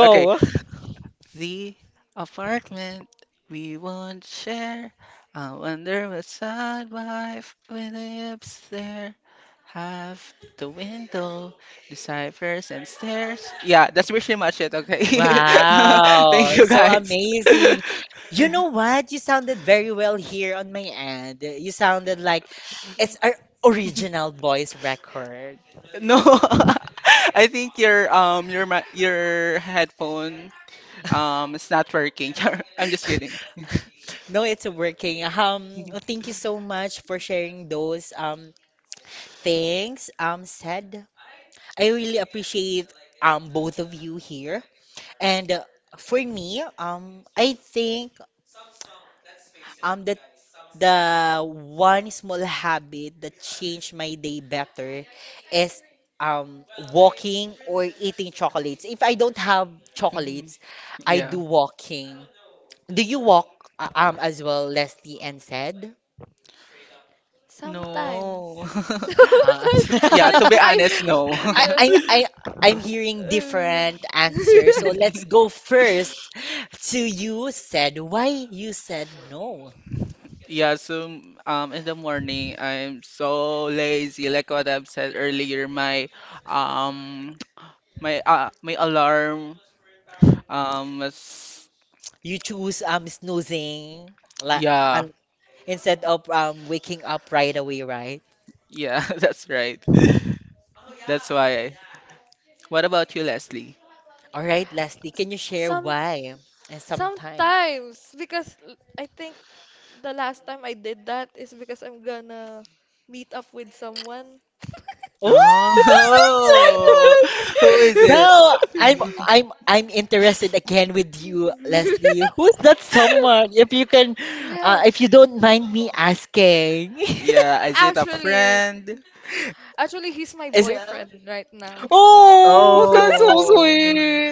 S2: Okay, the apartment we won't share. I wonder what side wife will the upstairs have the window, the ciphers and stairs. Yeah, that's pretty much it. Okay,
S3: Mm,
S2: thank
S1: Wow,
S2: you
S1: so
S2: guys.
S1: amazing. You know what? You sounded very well here on my end. You sounded like
S3: yeah.
S1: it's our original voice record.
S2: No, I think your your headphone is not working. I'm just kidding.
S1: No, it's working. Thank you so much for sharing those things, said. I really appreciate both of you here. And for me, I think um the The one small habit that changed my day better is um walking or eating chocolates. If I don't have
S2: Mhm.
S1: chocolates, I
S2: Yeah.
S1: do walking. Do you walk as well, Leslie and said?
S3: Sometimes.
S2: No.
S1: Uh,
S3: Sometimes,
S2: Yeah,
S3: like
S2: to be
S3: I,
S2: honest, no.
S1: I,
S3: yeah,
S1: I, I, I'm hearing
S3: uh,
S1: different answers. So let's go first to you, said, why you said no.
S2: Yeah, so in the morning I'm so lazy. Like what I've said earlier, my um my my alarm was
S1: You choose snoozing, like,
S2: yeah,
S1: instead of waking up right away, right?
S2: yeah, that's right. That's why. What about you, Leslie?
S1: All right, Leslie, can you share
S3: some
S1: why and sometimes?
S3: sometimes because I think the last time I did that is because I'm gonna meet up with someone.
S1: Oh, that's so
S2: Oh,
S1: fun!
S2: who is it?
S1: Now I'm interested again with you, Leslie. Who's that someone? If you can,
S3: yeah,
S1: if you don't mind me asking,
S2: Yeah, is it a
S3: actually,
S2: friend?
S3: Actually, he's my
S1: is
S3: boyfriend right now.
S1: oh, that's so
S2: Oh,
S1: sweet.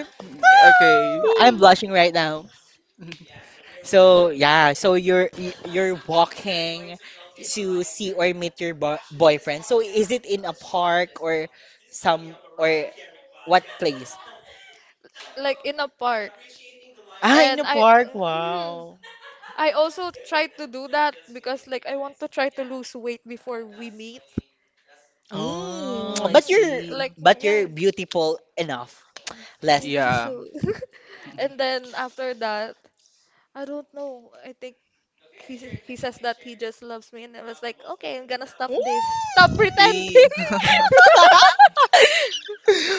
S2: okay.
S1: Ah, I'm
S3: Y-
S1: blushing right now. So yeah, so you're walking to see or meet your bo boyfriend. So is it in a park or some, or what place?
S3: Like in a park.
S1: Ah, in a
S3: And I
S1: park.
S3: mm,
S1: Wow.
S3: I also tried to do that because like I want to try to lose weight before we meet.
S2: Oh,
S1: Mm,
S2: I
S1: but
S3: Mm,
S1: you're,
S2: see.
S3: like yeah,
S1: beautiful enough,
S3: thank you
S1: Leslie.
S2: Yeah.
S3: so. And then after that, I don't know. I think he says that he just loves me, and I was like, okay, I'm gonna stop this.
S1: Mm.
S3: Stop pretending.
S2: He,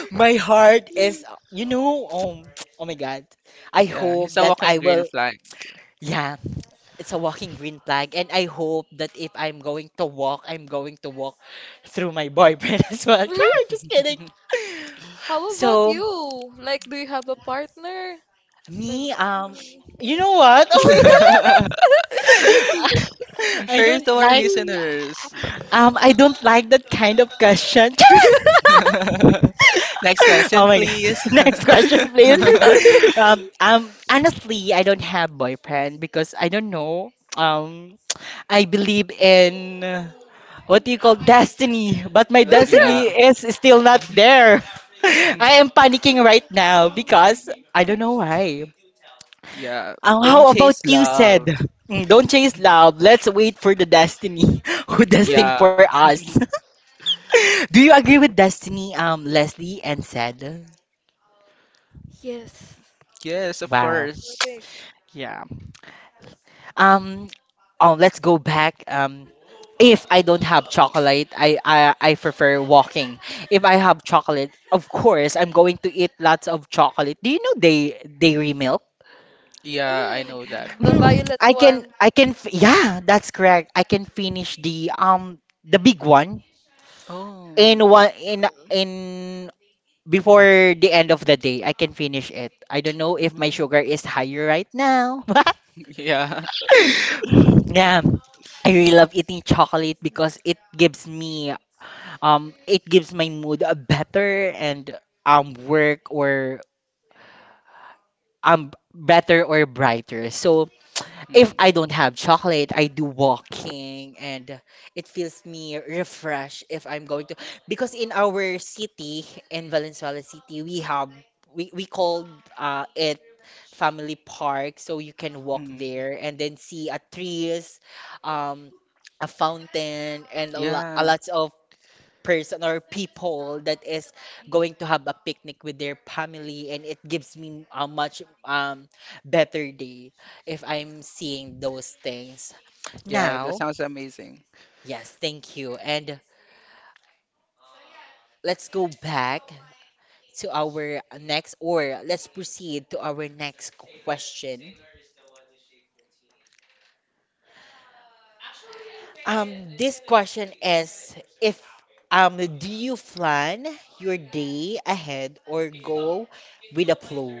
S1: My heart is, you know, oh my God. I
S2: yeah, he's
S1: hope
S2: a
S1: that
S2: walking
S1: I
S2: green
S1: will,
S2: flag.
S1: yeah. It's a walking green flag, and I hope that if I'm going to walk, I'm going to walk through my boyfriend as well. Char, just kidding.
S3: How about
S1: So
S3: you? Like, do you have a partner? Like,
S1: me,
S3: mm,
S1: you
S3: hmm.
S1: know what? Oh my god, I
S2: Share it
S1: don't
S2: to our
S1: like.
S2: listeners.
S1: I don't like that kind of question.
S2: Next question,
S1: Oh my god.
S2: please.
S1: Next question, please. Honestly, I don't have boyfriend because I don't know. Um, I believe in. What do you call destiny? But my
S2: Yeah.
S1: destiny is still not there. I am panicking right now because I don't know why.
S2: Yeah, don't
S1: How about
S2: chase
S1: you,
S2: love.
S1: said? "Mm, don't chase love. Let's wait for the destiny who destined for
S2: Yeah.
S1: us. Do you agree with destiny, Leslie and said?
S3: Yes.
S2: Yes, of
S1: Wow.
S3: I
S2: course.
S3: think.
S1: Yeah. Um, oh, let's go back. If I don't have chocolate, I prefer walking. If I have chocolate, of course, I'm going to eat lots of chocolate. Do you know they dairy milk?
S2: Yeah,
S3: Mhm.
S2: I know that.
S3: The
S1: Mm,
S3: violet
S1: I can,
S3: one.
S1: yeah, that's correct. I can finish the big one
S2: Oh.
S1: in in before the end of the day. I can finish it. I don't know if my
S2: Mhm.
S1: sugar is higher right now.
S2: Yeah.
S1: Yeah, I really love eating chocolate because it gives me it gives my mood a better, and work, or um better or brighter. So if
S2: Mm,
S1: I don't have chocolate, I do walking, and it feels me refresh if I'm going to, because in our city, in Valenzuela City, we have we called it family park, so you can walk
S2: mm.
S1: there and then see a trees, um a fountain, and a
S2: Yeah.
S1: lots of person or people that is going to have a picnic with their family, and it gives me a much better day if I'm seeing those things.
S2: Yeah, that
S1: Now,
S2: sounds amazing.
S1: yes, thank you. And let's go back to our next, or let's proceed to our next question. Um, this question is if do you plan your day ahead or go with the flow?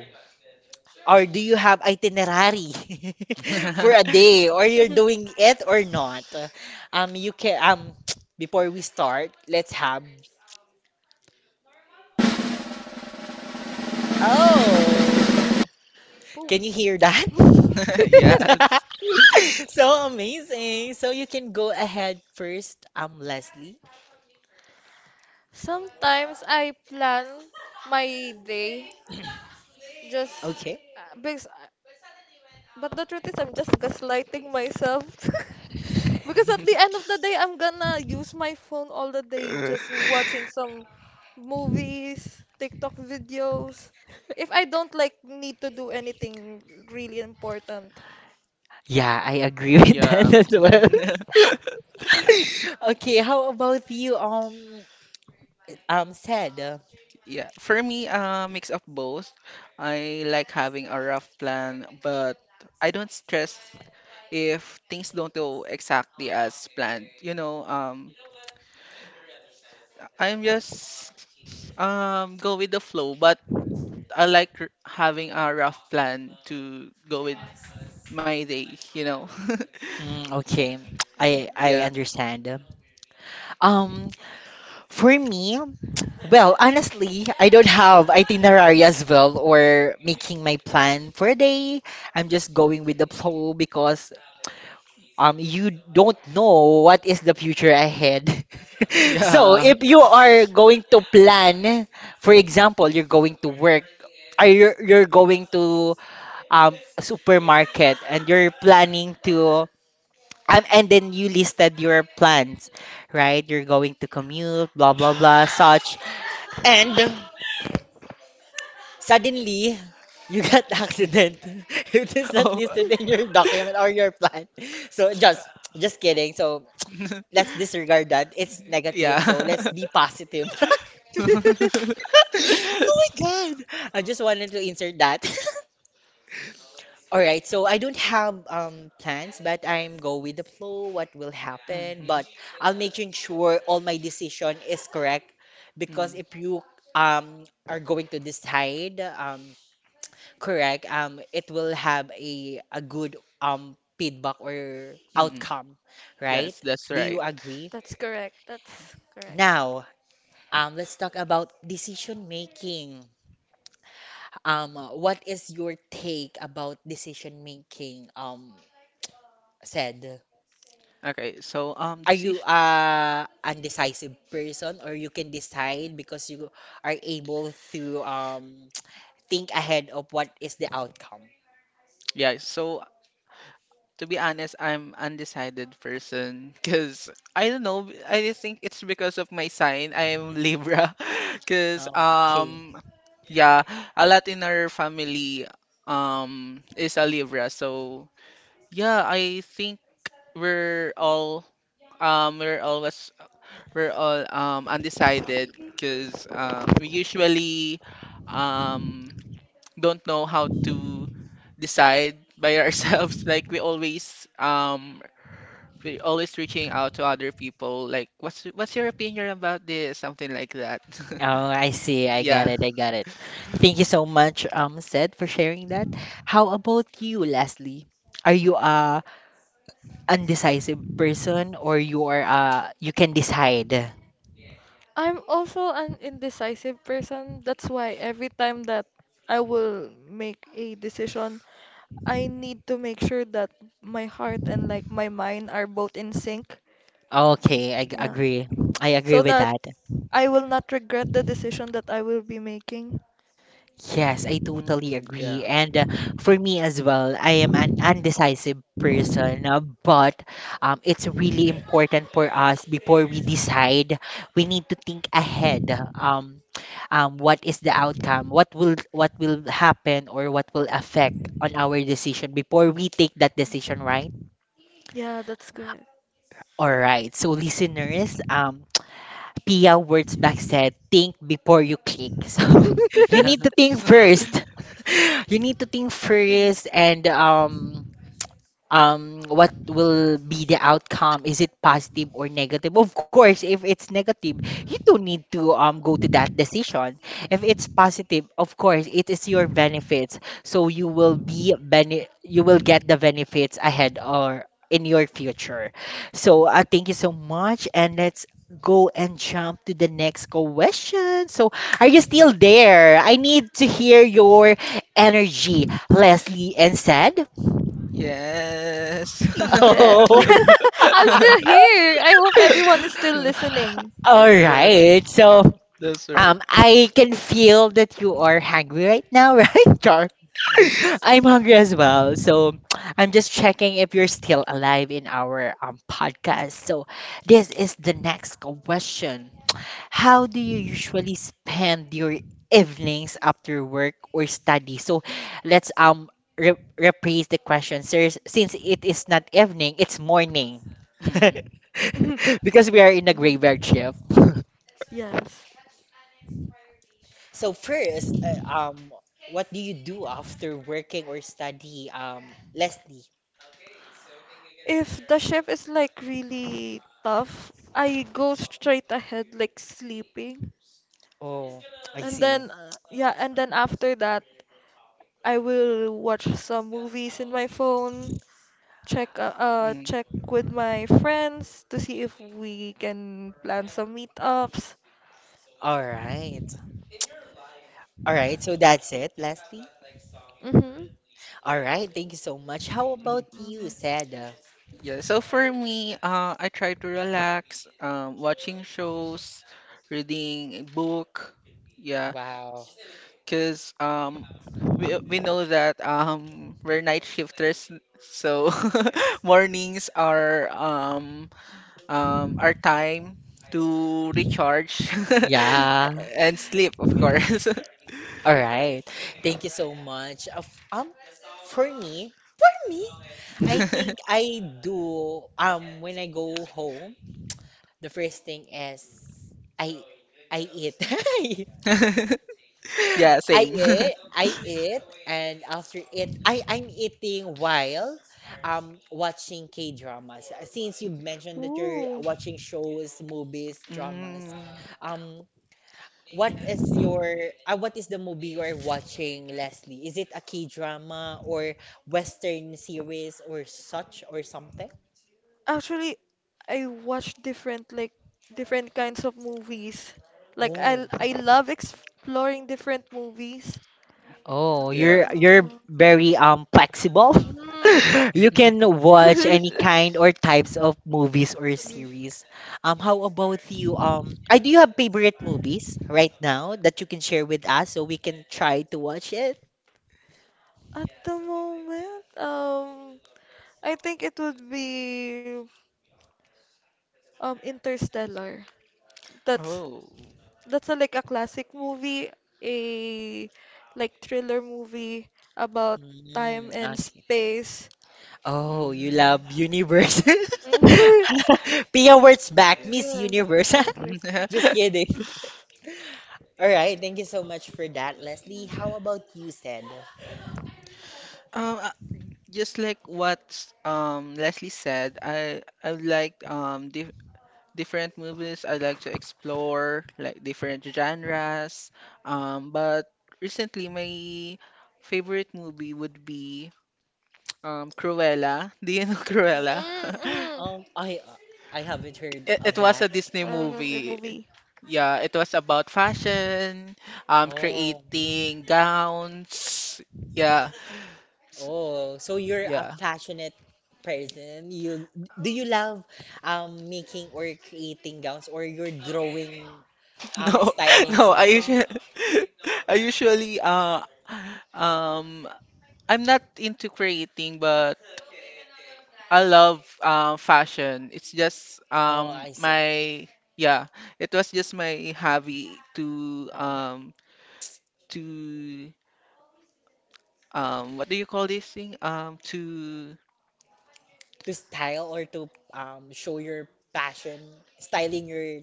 S1: Or do you have itinerary for a day, or you're doing it or not? Um, you can before we start, let's have. Oh, can
S3: Boom.
S1: you hear that?
S2: Yes.
S1: So amazing. So you can go ahead first, um, Leslie.
S3: Sometimes I plan my day just
S1: Okay.
S3: because, but the truth is I'm just gaslighting myself. Because at the end of the day, I'm gonna use my phone all the day just watching some movies, TikTok videos. If I don't like need to do anything really important.
S1: Yeah, I agree with
S2: Yeah.
S1: that as well. Okay, how about you, said?
S2: Yeah, for me, mix of both. I like having a rough plan, but I don't stress if things don't go exactly as planned. You know, I'm just go with the flow, but I like having a rough plan to go with my day, you know.
S1: Mm, okay,
S3: Mhm.
S1: I
S2: Yeah.
S1: understand. Um, for me. Well, honestly, I don't have itinerary as well or making my plan for a day. I'm just going with the flow because you don't know what is the future ahead. So
S2: Yeah.
S1: if you are going to plan, for example, you're going to work or you're going to a supermarket and you're planning to and then you listed your plans, right? You're going to commute, blah blah blah, such. And suddenly, you got accident. It is not
S2: Oh.
S1: listed in your document or your plan. So just kidding. So let's disregard that. It's negative.
S2: Yeah.
S1: So let's be positive. Oh my god. I just wanted to insert that. All right. So I don't have plans, but I'm go with the flow what will happen,
S2: Mhm,
S1: but I'll making sure all my decision is correct because
S2: mm,
S1: if you are going to decide correct, it will have a good feedback or
S2: mm.
S1: outcome, right?
S2: Yes, that's
S1: Do you
S2: right.
S1: agree?
S3: That's correct. That's correct.
S1: Now let's talk about decision making. What is your take about decision making, said?
S2: Okay, so
S1: Are you
S2: decision
S1: a undecisive person or you can decide because you are able to think ahead of what is the outcome?
S2: yeah, so to be honest, I'm undecided person because I don't know. I think it's because of my sign. I am Libra, because
S1: Oh, okay.
S2: yeah, a lot in our family is a Libra. So yeah, I think we're all um we're always we're all undecided because we usually um don't know how to decide by ourselves like we're always reaching out to other people, like, what's your opinion about this? Something like that.
S1: Oh, I
S2: Y-
S1: see. I got
S2: Yeah.
S1: it. I got it. Thank you so much, Seth, for sharing that. How about you, Leslie? Are you a undecisive person or you are you can decide?
S3: I'm also an indecisive person. That's why every time that I will make a decision, I need to make sure that my heart and like my mind are both in sync.
S1: Okay,
S3: Yeah.
S1: agree. I agree
S3: So
S1: with
S3: that
S1: that.
S3: I will not regret the decision that I will be making.
S1: Yes, I
S2: Mm,
S1: totally agree.
S2: yeah.
S1: And for me as well, I am an undecisive person, but it's really important for us before we decide, we need to think ahead. Um, what is the outcome? What will happen or what will affect on our decision before we take that decision, right?
S3: Yeah, that's correct.
S1: All right. So listeners, Pia Wurtzbach said, think before you click. So you need to think first. You need to think
S3: Mm.
S1: first and what will be the outcome, is it positive or negative? Of course, if it's negative you don't need to go to that decision. If it's positive, of course it is your benefits, so you will be you will get the benefits ahead or in your future. So thank you so much and let's go and jump to the next question. So are you still there? I need to hear your energy, Leslie and said.
S2: Yeah. Yes.
S3: Yes.
S1: Oh.
S3: I'm still here. I hope everyone is still listening.
S1: All right.
S2: Yes,
S1: So,
S2: that's right.
S1: I can feel that you are hungry right now, right, Char? I'm hungry as well. So, I'm just checking if you're still alive in our podcast. So, this is the next question. How do you usually spend your evenings after work or study? So, let's rephrase the question, sir. Since it is not evening, it's morning.
S2: Mm,
S1: Because we are in a graveyard
S3: Mm,
S1: shift.
S3: yes.
S1: So first, uh, um, what do you do after working or study, Leslie?
S3: If the shift is like really tough, I go straight ahead like sleeping.
S1: Oh, I
S3: And
S1: see.
S3: then yeah, and then after that, I will watch some movies in my phone. Check
S2: mm,
S3: check with my friends to see if we can plan some meetups.
S1: All right. All right. So that's it, Leslie.
S3: Mhm.
S1: All right. Thank you so much. How about
S2: mm.
S1: you, Seda?
S2: Yeah, so for me, I try to relax, watching shows, reading a book. Yeah,
S1: Wow.
S2: because we know that we're night shifters, so mornings are our time to recharge
S1: Yeah.
S2: and sleep, of course.
S1: All right. Thank you so much. Of um, for me, I think I do. When I go home, the first thing is I I eat.
S2: Yeah, same.
S1: I eat, and after it, I'm eating while watching K dramas. Since you mentioned that you're
S3: Ooh.
S1: watching shows, movies, dramas,
S2: Mm,
S1: um, what is your what is the movie you're watching, Leslie? Is it a K drama or Western series or such or something?
S3: Actually, I watch different like different kinds of movies. Like
S1: Oh.
S3: I love exploring different movies.
S1: Oh,
S2: yeah.
S1: you're very flexible.
S3: Mm.
S1: You can watch any kind or types of movies or series. How about you? I Do you have favorite movies right now that you can share with us so we can try to watch it?
S3: At the moment, I think it would be um, Interstellar. That's
S2: Oh.
S3: that's a, like a classic movie, a like thriller movie about
S1: Mm,
S3: time and
S1: okay.
S3: space.
S1: Oh, you
S2: Mm.
S1: love Universe.
S3: Mhm.
S1: Pia words back, Miss
S3: Yeah,
S1: Universe.
S3: English.
S1: Just kidding. All right, thank you so much for that, Leslie. How about you, Sed?
S2: Um, uh, just like what Leslie said, I would like different movies. I like to explore like different genres. But recently my favorite movie would be Cruella. Do you know Cruella?
S3: Mhm.
S1: Um, I uh, I haven't heard
S2: It
S1: of
S2: was a
S1: that.
S2: Disney
S3: That's a
S2: movie.
S3: movie.
S2: Yeah, it was about fashion,
S1: Oh,
S2: creating gowns. Yeah, s-
S1: oh, so you're a
S2: yeah.
S1: passionate person. You Do you love making or creating gowns or you're drawing
S2: No,
S1: styling
S2: no. I
S1: something?
S2: usually, I usually um I'm not into creating, but I love fashion. It's just
S1: Oh, I see.
S2: my yeah, it was just my hobby to to what do you call this thing? To
S1: To style or to show your passion, styling your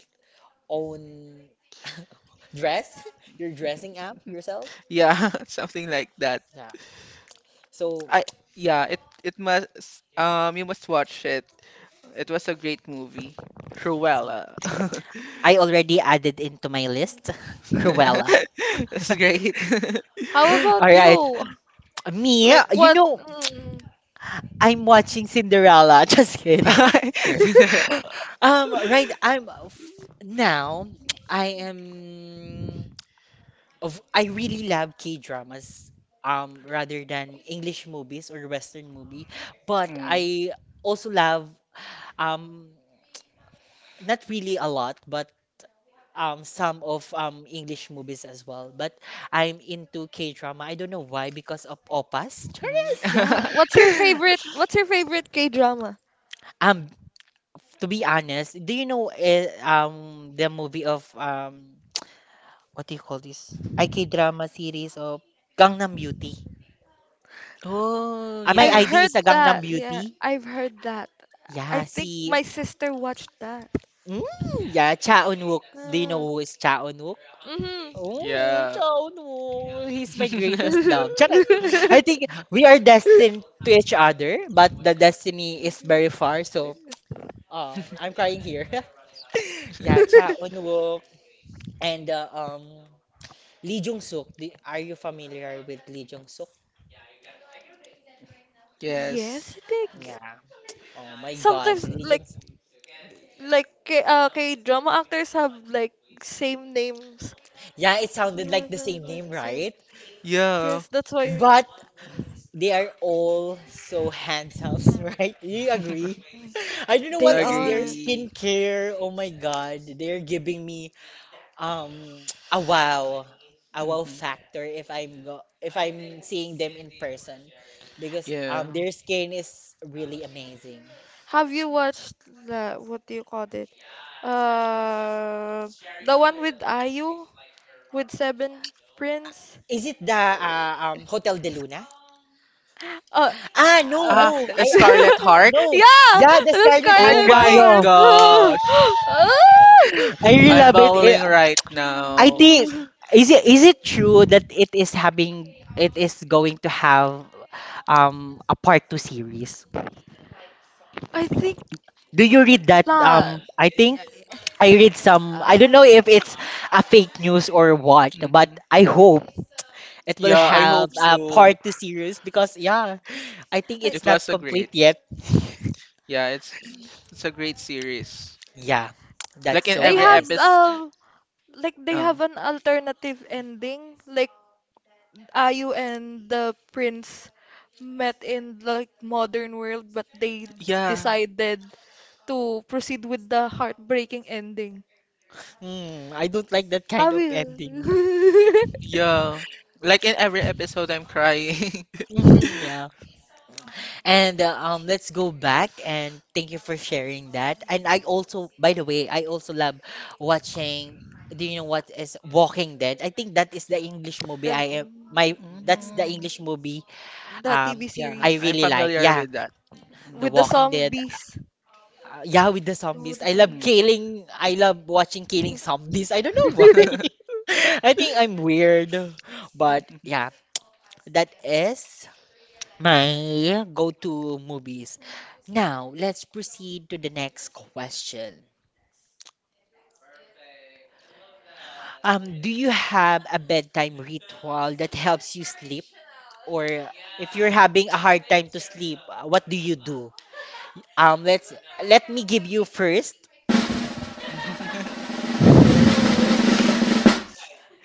S1: own dress, you're dressing up yourself.
S2: yeah, something like that.
S1: Yeah. So,
S2: I yeah, it must you must watch it. It was a great movie.
S1: so
S2: Cruella.
S1: I already added into my list
S3: Mm.
S1: Cruella.
S2: That's great.
S3: How about
S1: All right.
S3: you?
S1: Me,
S3: Like
S1: you
S3: what?
S1: know,
S3: Mm.
S1: I'm watching Cinderella. Just kidding. Right, I'm now I am of I really love K-dramas rather than English movies or Western movie, but
S2: Mm.
S1: I also love um not really a lot, but some of English movies as well. But I'm into K-drama. I don't know why because of Opas. Charles.
S3: Yeah.
S2: Mm.
S3: What's your favorite? What's your favorite K-drama?
S1: Um to be honest, do you know the movie of what do you call this? IK drama series of Gangnam Beauty.
S2: Oh,
S1: Ah, my
S3: I've
S2: yes,
S1: ID
S3: heard
S1: is a Gangnam
S3: that. Yeah,
S1: Beauty.
S3: I've heard that. I
S1: Yeah,
S3: think
S1: si
S3: my sister watched that.
S1: mm, yeah, Cha Eun-wook. Do you know
S3: Ah,
S1: who is Cha Eun-wook?
S3: mhm.
S1: Oh,
S2: Yeah.
S1: Cha Eun-wook. He's my greatest love. Charot. I think we are destined to each other, but the destiny is very far. So, I'm crying here. Yeah, Cha Eun-wook and Lee Jung Suk. Are you familiar with Lee Jung Suk?
S2: Yes.
S3: Yes, I think
S1: Yeah. Oh my God,
S3: sometimes
S1: Lee Jung Suk.
S3: like K- K drama actors have like same names.
S1: Yeah, it sounded
S3: Yeah,
S1: like the same
S3: like
S1: name,
S3: same.
S1: right?
S2: Yeah.
S3: Yes, that's why
S1: But they are all so handsome,
S3: Mhm.
S1: right? You agree? I don't know
S3: they
S1: what is their
S3: are. Like,
S2: Agree.
S1: skincare. Oh my God, they're giving me um a wow, a wow
S2: hmm
S1: factor if I'm seeing them in person, because
S2: Yeah.
S1: their skin is really amazing.
S3: have you watched the what do you call it? Uh, the one with IU with Seven Prince.
S1: Is it the Hotel de Luna?
S3: Uh,
S1: Ah, no,
S3: uh,
S2: Ah,
S1: no.
S2: Scarlet Heart.
S1: No.
S3: yeah,
S1: Yeah, the
S3: the
S1: Scarlet Heart
S2: Oh
S3: Scarlet
S2: my
S3: Heart.
S1: Cryo.
S2: gosh.
S3: Ugh.
S1: I
S3: Ah.
S1: really
S2: I'm
S1: love it.
S2: bawling right
S1: I
S2: now.
S1: think is it true that it is going to have a part two series?
S3: I think
S1: Do you read that?
S3: not.
S1: I think
S3: Yeah, yeah.
S1: I read some. I don't know
S3: Ah.
S1: if it's a fake news or what, but
S2: hmm
S1: I hope it will
S2: Yeah, I
S1: have
S2: hope
S1: a
S2: so.
S1: part two series because yeah, I think
S3: Like
S2: It
S1: it's
S2: was
S1: not
S2: a great.
S1: complete yet.
S2: Yeah, it's a great series.
S1: Yeah, that's
S2: Like in
S1: so
S3: they
S2: every
S3: have
S1: amazing.
S2: episode.
S3: um like they have
S2: Oh,
S3: an alternative ending. Like Ayu and the prince met in like modern world, but they
S2: yeah.
S3: decided to proceed with the heartbreaking ending.
S1: Hmm. I don't like that kind
S3: Have
S1: of
S3: you?
S1: ending.
S2: Yeah. Like in every episode, I'm crying.
S1: Yeah. And let's go back and thank you for sharing that. And I also by the way, I also love watching, do you know what is Walking Dead? I think that is the English movie
S3: And
S1: I am my that's
S3: mm,
S1: the
S2: Mm.
S1: English movie
S3: the
S1: um
S3: TV
S2: Yeah,
S1: I
S3: series
S2: I'm
S1: really like.
S2: familiar
S1: Yeah,
S2: with that.
S1: The
S3: with the
S1: Walking
S3: song
S1: Dead.
S3: zombies.
S1: Yeah, with the
S3: Oh,
S1: zombies.
S3: the zombies.
S2: Mm.
S1: I love watching killing zombies. I don't know why.
S2: Mm.
S1: I think I'm weird. But yeah, that is. My Yeah, go-to movies. Now, let's proceed to the next question. Do you have a bedtime ritual that helps you sleep? Or if you're having a hard time to sleep, what do you do? Let's let me give you first.
S3: Poosh.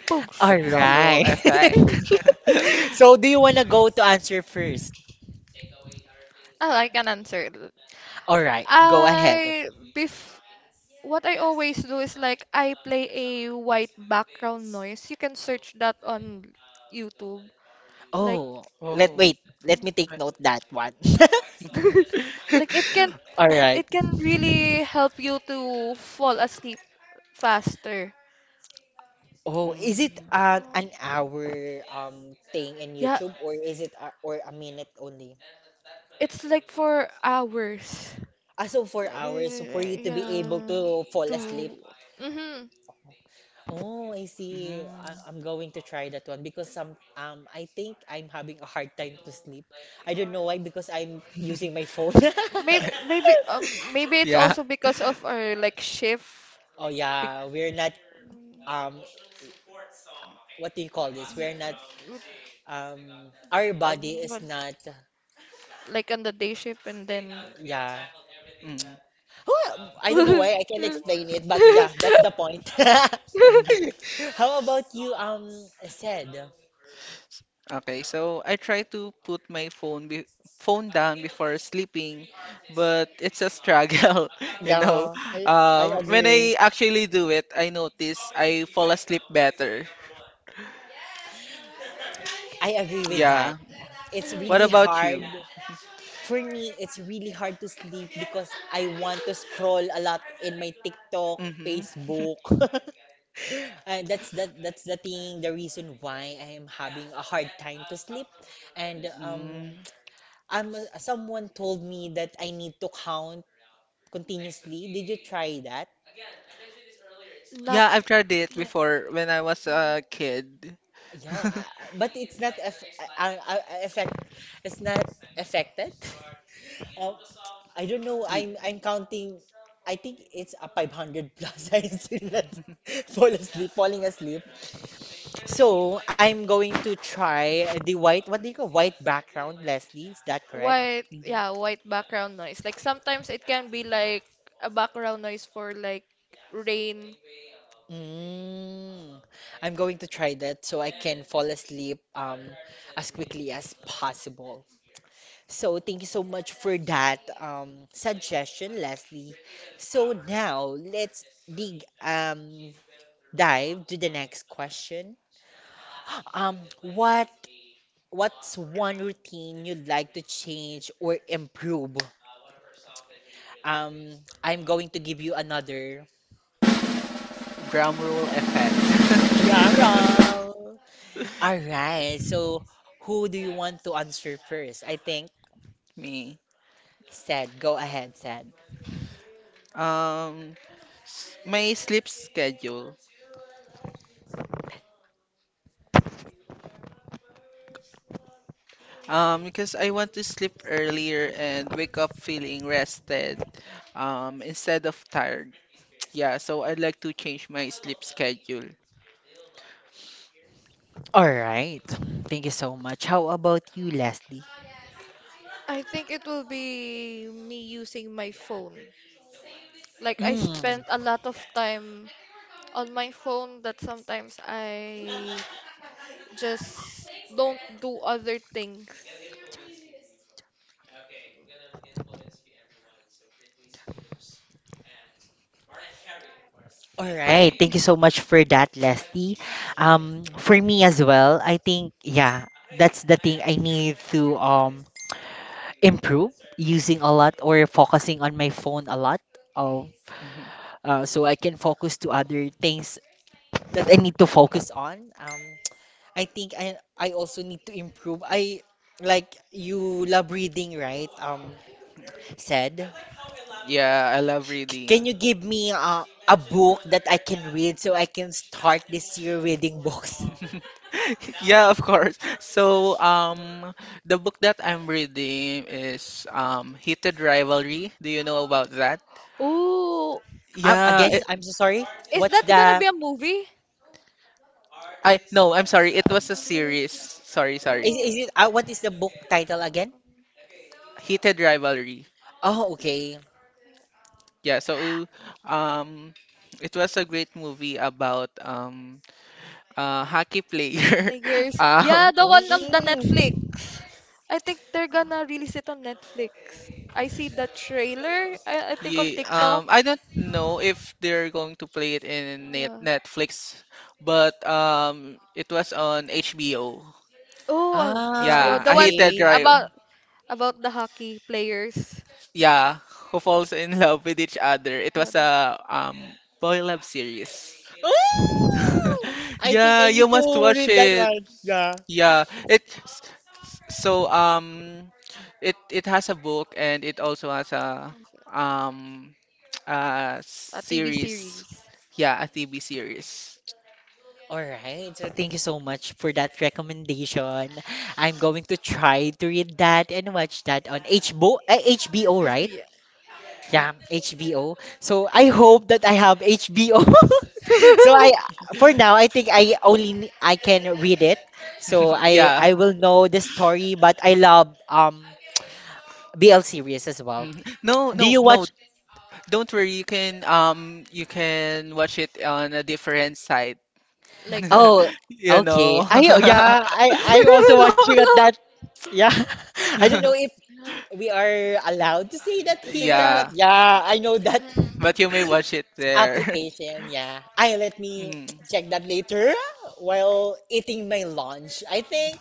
S3: Poosh.
S2: A
S1: All
S2: drum roll
S1: right.
S2: effect.
S1: So, do you want to go to answer first?
S3: Ah, I can answer.
S1: All right, go ahead.
S3: I bef what I always do is like I play a white background noise. You can search that on YouTube. Like
S1: Oh, let
S2: Oh.
S1: wait. Let me take
S2: I-
S1: note that one.
S3: like
S1: All right.
S3: it can really help you to fall asleep faster.
S1: Oh, is it
S2: Mm,
S1: an
S3: Um,
S1: hour thing in
S3: Yeah,
S1: YouTube or is it or a minute only?
S3: it's like for hours.
S1: Ah, so four
S3: Uh,
S1: hours. So for you to be able
S3: yeah,
S1: to fall asleep.
S3: to mm-hmm.
S1: Oh, I see.
S2: mm.
S1: I'm going to try that one because some I think I'm having a hard time to sleep. I don't know why because I'm using my phone.
S3: Maybe maybe maybe it's
S2: Yeah.
S3: also because of our like shift
S1: Oh
S3: bec-
S1: yeah, we're not um what do you call this? We're not
S3: with,
S1: our
S3: uh,
S1: body is
S3: what-
S1: not
S3: like on the day shift and then
S1: yeah.
S2: Mm.
S1: Oh, I don't know
S3: hmm
S1: why I can't explain it, but yeah, that's the point. How about you, said?
S2: Okay, so I try to put my phone be phone down before sleeping, but it's a struggle, you know.
S1: Yeah, I
S2: When
S1: agree.
S2: I actually do it, I notice I fall asleep better.
S1: I agree with that.
S2: Yeah.
S1: It's
S2: What
S1: really
S2: about
S1: hard.
S2: you?
S1: For me, it's really hard to sleep because I want to scroll a lot in my TikTok,
S2: Mm-hmm.
S1: Facebook. And that's the thing, the reason why I am having a hard time to sleep. And
S2: Mm.
S1: I'm someone told me that I need to count continuously? Did you try that?
S2: Yeah,
S3: Not
S2: I've tried it
S3: yet.
S2: before when I was a kid.
S1: Yeah, but it's not effect. It's not affected. Uh, I don't know.
S2: Ye-
S1: I'm counting. I think it's a 500 plus. I still not falling asleep. So I'm going to try the white. What do you call white background, Leslie? Is that correct?
S3: White, yeah, white background noise. Like sometimes it can be like a background noise for like rain.
S1: Mm, I'm going to try that so I can fall asleep as quickly as possible. So thank you so much for that suggestion, Leslie. So now let's dig dive to the next question. Um, what what's one routine you'd like to change or improve? I'm going to give you another
S2: Drum roll effect.
S1: drum roll. All right. So who do you want to answer first? I think
S2: Me.
S1: Sad. Go ahead, Sad.
S2: Um, my sleep schedule. Because I want to sleep earlier and wake up feeling rested, instead of tired. Yeah, so I'd like to change my sleep schedule.
S1: All right. Thank you so much. How about you, Leslie?
S3: I think it will be me using my phone. Like I
S1: Mm.
S3: spent a lot of time on my phone that sometimes I just don't do other things.
S1: All right. Thank
S3: Okay.
S1: you so much for that, Leslie. For me as well, I think yeah, that's the thing I need to improve using a lot or focusing on my phone a lot. Um,
S2: Mhm.
S1: so I can focus to other things that I need to focus on. I think I also need to improve. I like you love reading, right? Said.
S2: Yeah, I love
S1: Can
S2: reading.
S1: you give me a book that I can read so I can start this year reading books?
S2: Yeah, of course. So, the book that I'm reading is Heated Rivalry. Do you know about that?
S3: Oh,
S2: Yeah,
S1: Again,
S3: is
S2: it,
S1: I'm so sorry.
S3: is
S1: What's
S3: that gonna
S1: the
S3: be a movie?
S2: I no, I'm sorry. It
S3: Uh,
S2: was a series. Sorry.
S1: is,
S3: oh,
S1: is it what is the book title again?
S3: uh,
S2: Heated Rivalry.
S1: Oh, okay.
S2: Yeah, so um, it was a great movie about a hockey player.
S3: Niggers. Yeah,
S2: Um,
S3: the one on the
S1: Mm.
S3: Netflix. I think they're gonna release it on Netflix. I see the trailer. I think on
S2: yeah,
S3: TikTok.
S2: I don't know if they're going to play it in
S3: Yeah.
S2: Netflix, but it was on HBO.
S3: Oh,
S1: Ah,
S3: HBO.
S2: Yeah,
S3: The
S2: I
S3: one
S2: hated
S1: okay.
S2: Drive.
S3: about about the hockey players.
S2: Yeah, who falls in love with each other. It was
S3: What the-
S2: a boy love series.
S1: Ah! I think
S2: Yeah,
S1: I
S2: you
S1: need
S2: must
S1: to
S2: watch
S1: read that
S2: it.
S1: one. Yeah.
S2: Yeah, it s- s- so it it has a book and it also has a
S3: what's that?
S2: um a
S3: A TV
S2: series.
S3: series.
S2: Yeah, a TV series.
S1: All right. So thank you so much for that recommendation. I'm going to try to read that and watch that on HBO, right?
S3: HBO. Yeah.
S1: Yeah, HBO. So I hope that I have HBO. So I for now I think I only I can read it. So I
S2: Yeah.
S1: I will know the story, but I love BL series as well.
S2: Mhm. No,
S1: Do
S2: no,
S1: you
S2: no.
S1: watch
S2: Don't worry. You can watch it on a different site.
S3: Like lock,
S1: Oh,
S3: lock.
S2: You
S1: okay.
S2: know.
S1: I yeah, I also watching
S3: Lock,
S1: at
S3: lock.
S1: that. Yeah. I don't know if
S3: Yeah.
S1: we are allowed to say that
S3: To say
S1: here,
S3: that.
S1: but
S2: Yeah,
S1: yeah, I know that.
S3: Hmm.
S2: but you may watch it there.
S1: Application, yeah. I let me
S2: Mm.
S1: check that later while eating my lunch, I think.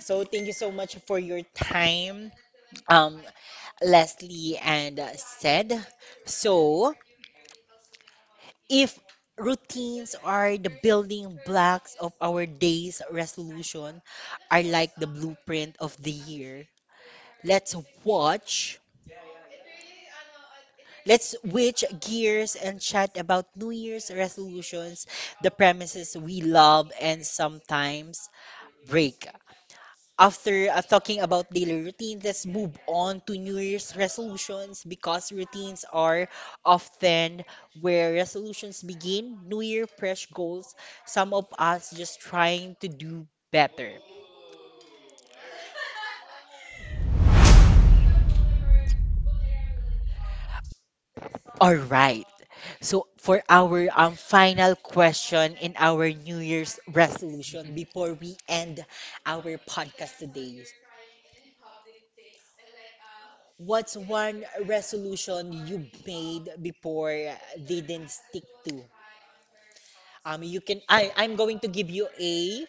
S1: So thank you so much for your time, um, Leslie and said. So if routines are the building blocks of our day's resolution, are like the blueprint of the year. Let's watch Let's switch gears and chat about New Year's resolutions, the premises we love and sometimes break. After talking about daily routines, let's move on to New Year's resolutions because routines are often where resolutions begin. New Year, fresh goals, some of us just trying to do better. All right. So for our final question in our New Year's resolution before we end our podcast today, what's one resolution you made before they didn't stick to? You can I I'm going to give you a.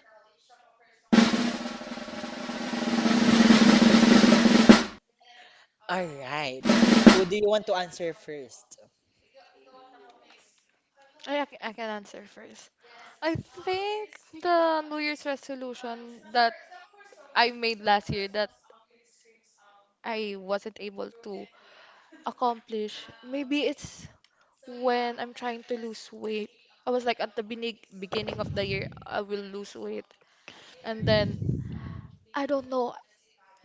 S1: All right. Who do you want to answer first?
S3: I can answer first. I think the New Year's resolution that I made last year that I wasn't able to accomplish, maybe it's when I'm trying to lose weight. I was like at the benig beginning of the year, I will lose weight. And then, I don't know,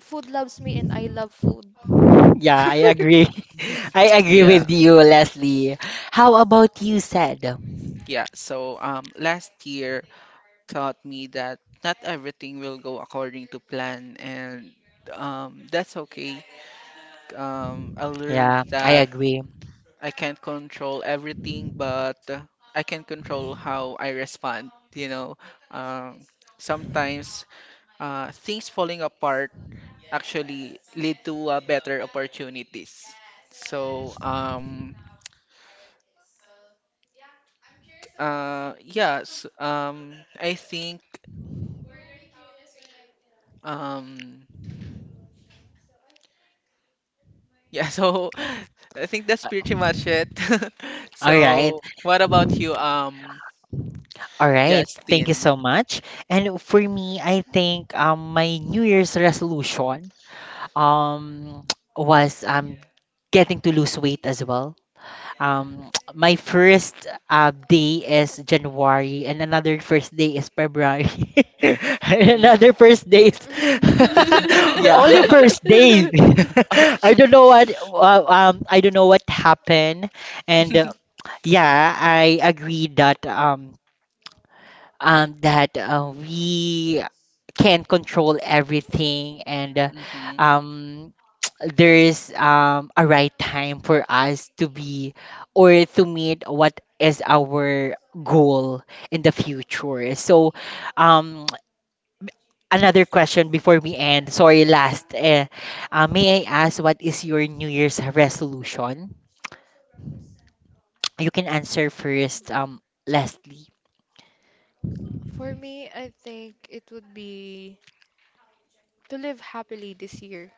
S3: food loves me and I love food.
S1: Yeah, I agree. I agree
S2: Yeah.
S1: with you, Leslie. How about you, said?
S2: Yeah, so last year taught me that not everything will go according to plan, and that's okay. I
S1: Yeah,
S2: learned
S1: I
S2: that
S1: agree.
S2: I can't control everything, but I can control how I respond. You know, um, sometimes things falling apart actually lead to better opportunities. So, yes, I think. Um, Yeah, so I think that's pretty much it.
S1: All right.
S2: So, what about you,
S1: All right. Thank you
S2: Justin?
S1: so much. And for me, I think my New Year's resolution um was getting to lose weight as well. My first day is January, and another first day is February, and another first day is only
S2: Yeah.
S1: first day. I don't know what I don't know what happened, and yeah, I agree that that we can't control everything and
S2: Mm-hmm.
S1: um, there is a right time for us to be or to meet what is our goal in the future. So, um, another question before we end. Sorry, last. May I ask what is your New Year's resolution? You can answer first, Leslie.
S3: For me, I think it would be to live happily this year.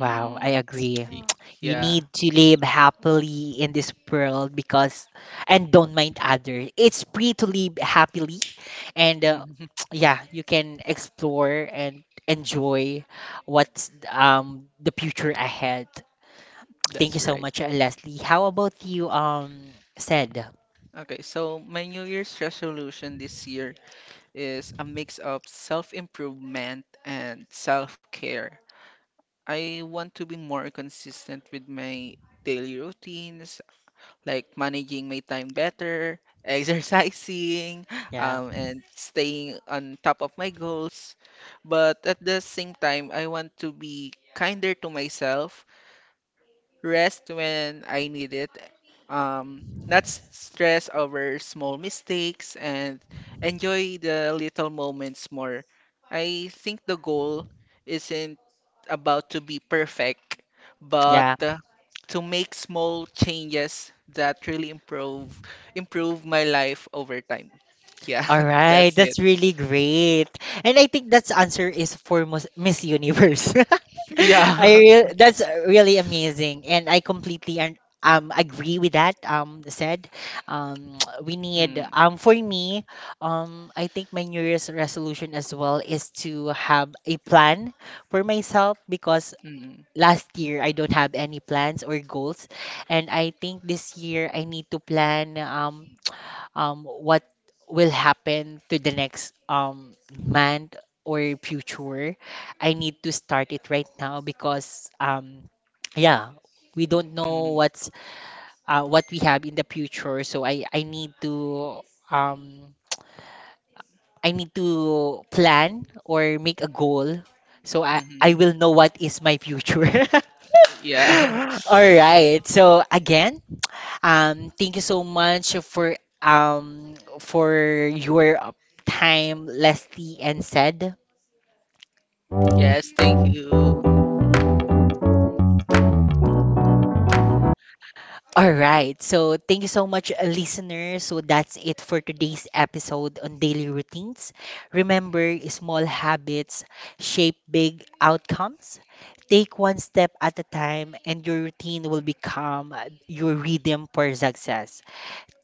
S1: Wow, I agree.
S2: y-
S3: Yeah.
S1: You
S2: yeah,
S1: need to live happily in this world because, and don't mind others. It's free to live happily, and
S2: hmm
S1: yeah, you can explore and enjoy what's the future ahead. Thank
S2: that's
S1: you so
S2: right.
S1: much, Leslie. How about you, said?
S2: Okay, so my New Year's resolution this year is a mix of self-improvement and self-care. I want to be more consistent with my daily routines like managing my time better, exercising,
S1: Yeah,
S2: and staying on top of my goals. But at the same time, I want to be kinder to myself, rest when I need it, not stress over small mistakes, and enjoy the little moments more. I think the goal isn't about to be perfect, but
S1: yeah.
S2: to make small changes that really improve my life over time. Yeah,
S1: All right,
S2: that's it.
S1: that's really great. And I think that's answer is for Miss Universe.
S2: Yeah.
S1: I that's really amazing and I completely agree with that said. Um we need
S2: Mm,
S1: for me I think my new year's resolution as well is to have a plan for myself because
S2: mm,
S1: last year I don't have any plans or goals and I think this year I need to plan what will happen to the next month or future. I need to start it right now because yeah, we don't know
S2: mm,
S1: what's what we have in the future. So I need to um, I need to plan or make a goal so I
S2: mm.
S1: will know what is my future.
S2: Yeah.
S1: All right. So again, thank you so much for for your time, Leslie and said.
S3: Thank
S2: Yes, thank
S3: you.
S2: you.
S1: All right. So thank you so much, listeners. So that's it for today's episode on daily routines. Remember, small habits shape big outcomes. Take one step at a time, and your routine will become your rhythm for success.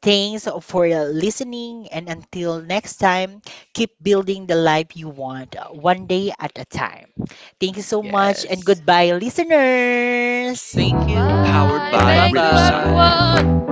S1: Thanks for listening, and until next time, keep building the life you want, one day at a time. Thank you so much, and
S2: Yes.
S1: goodbye, listeners.
S2: Thank you.
S3: Bye.
S2: Bye
S3: Thank you, everyone.
S2: bye.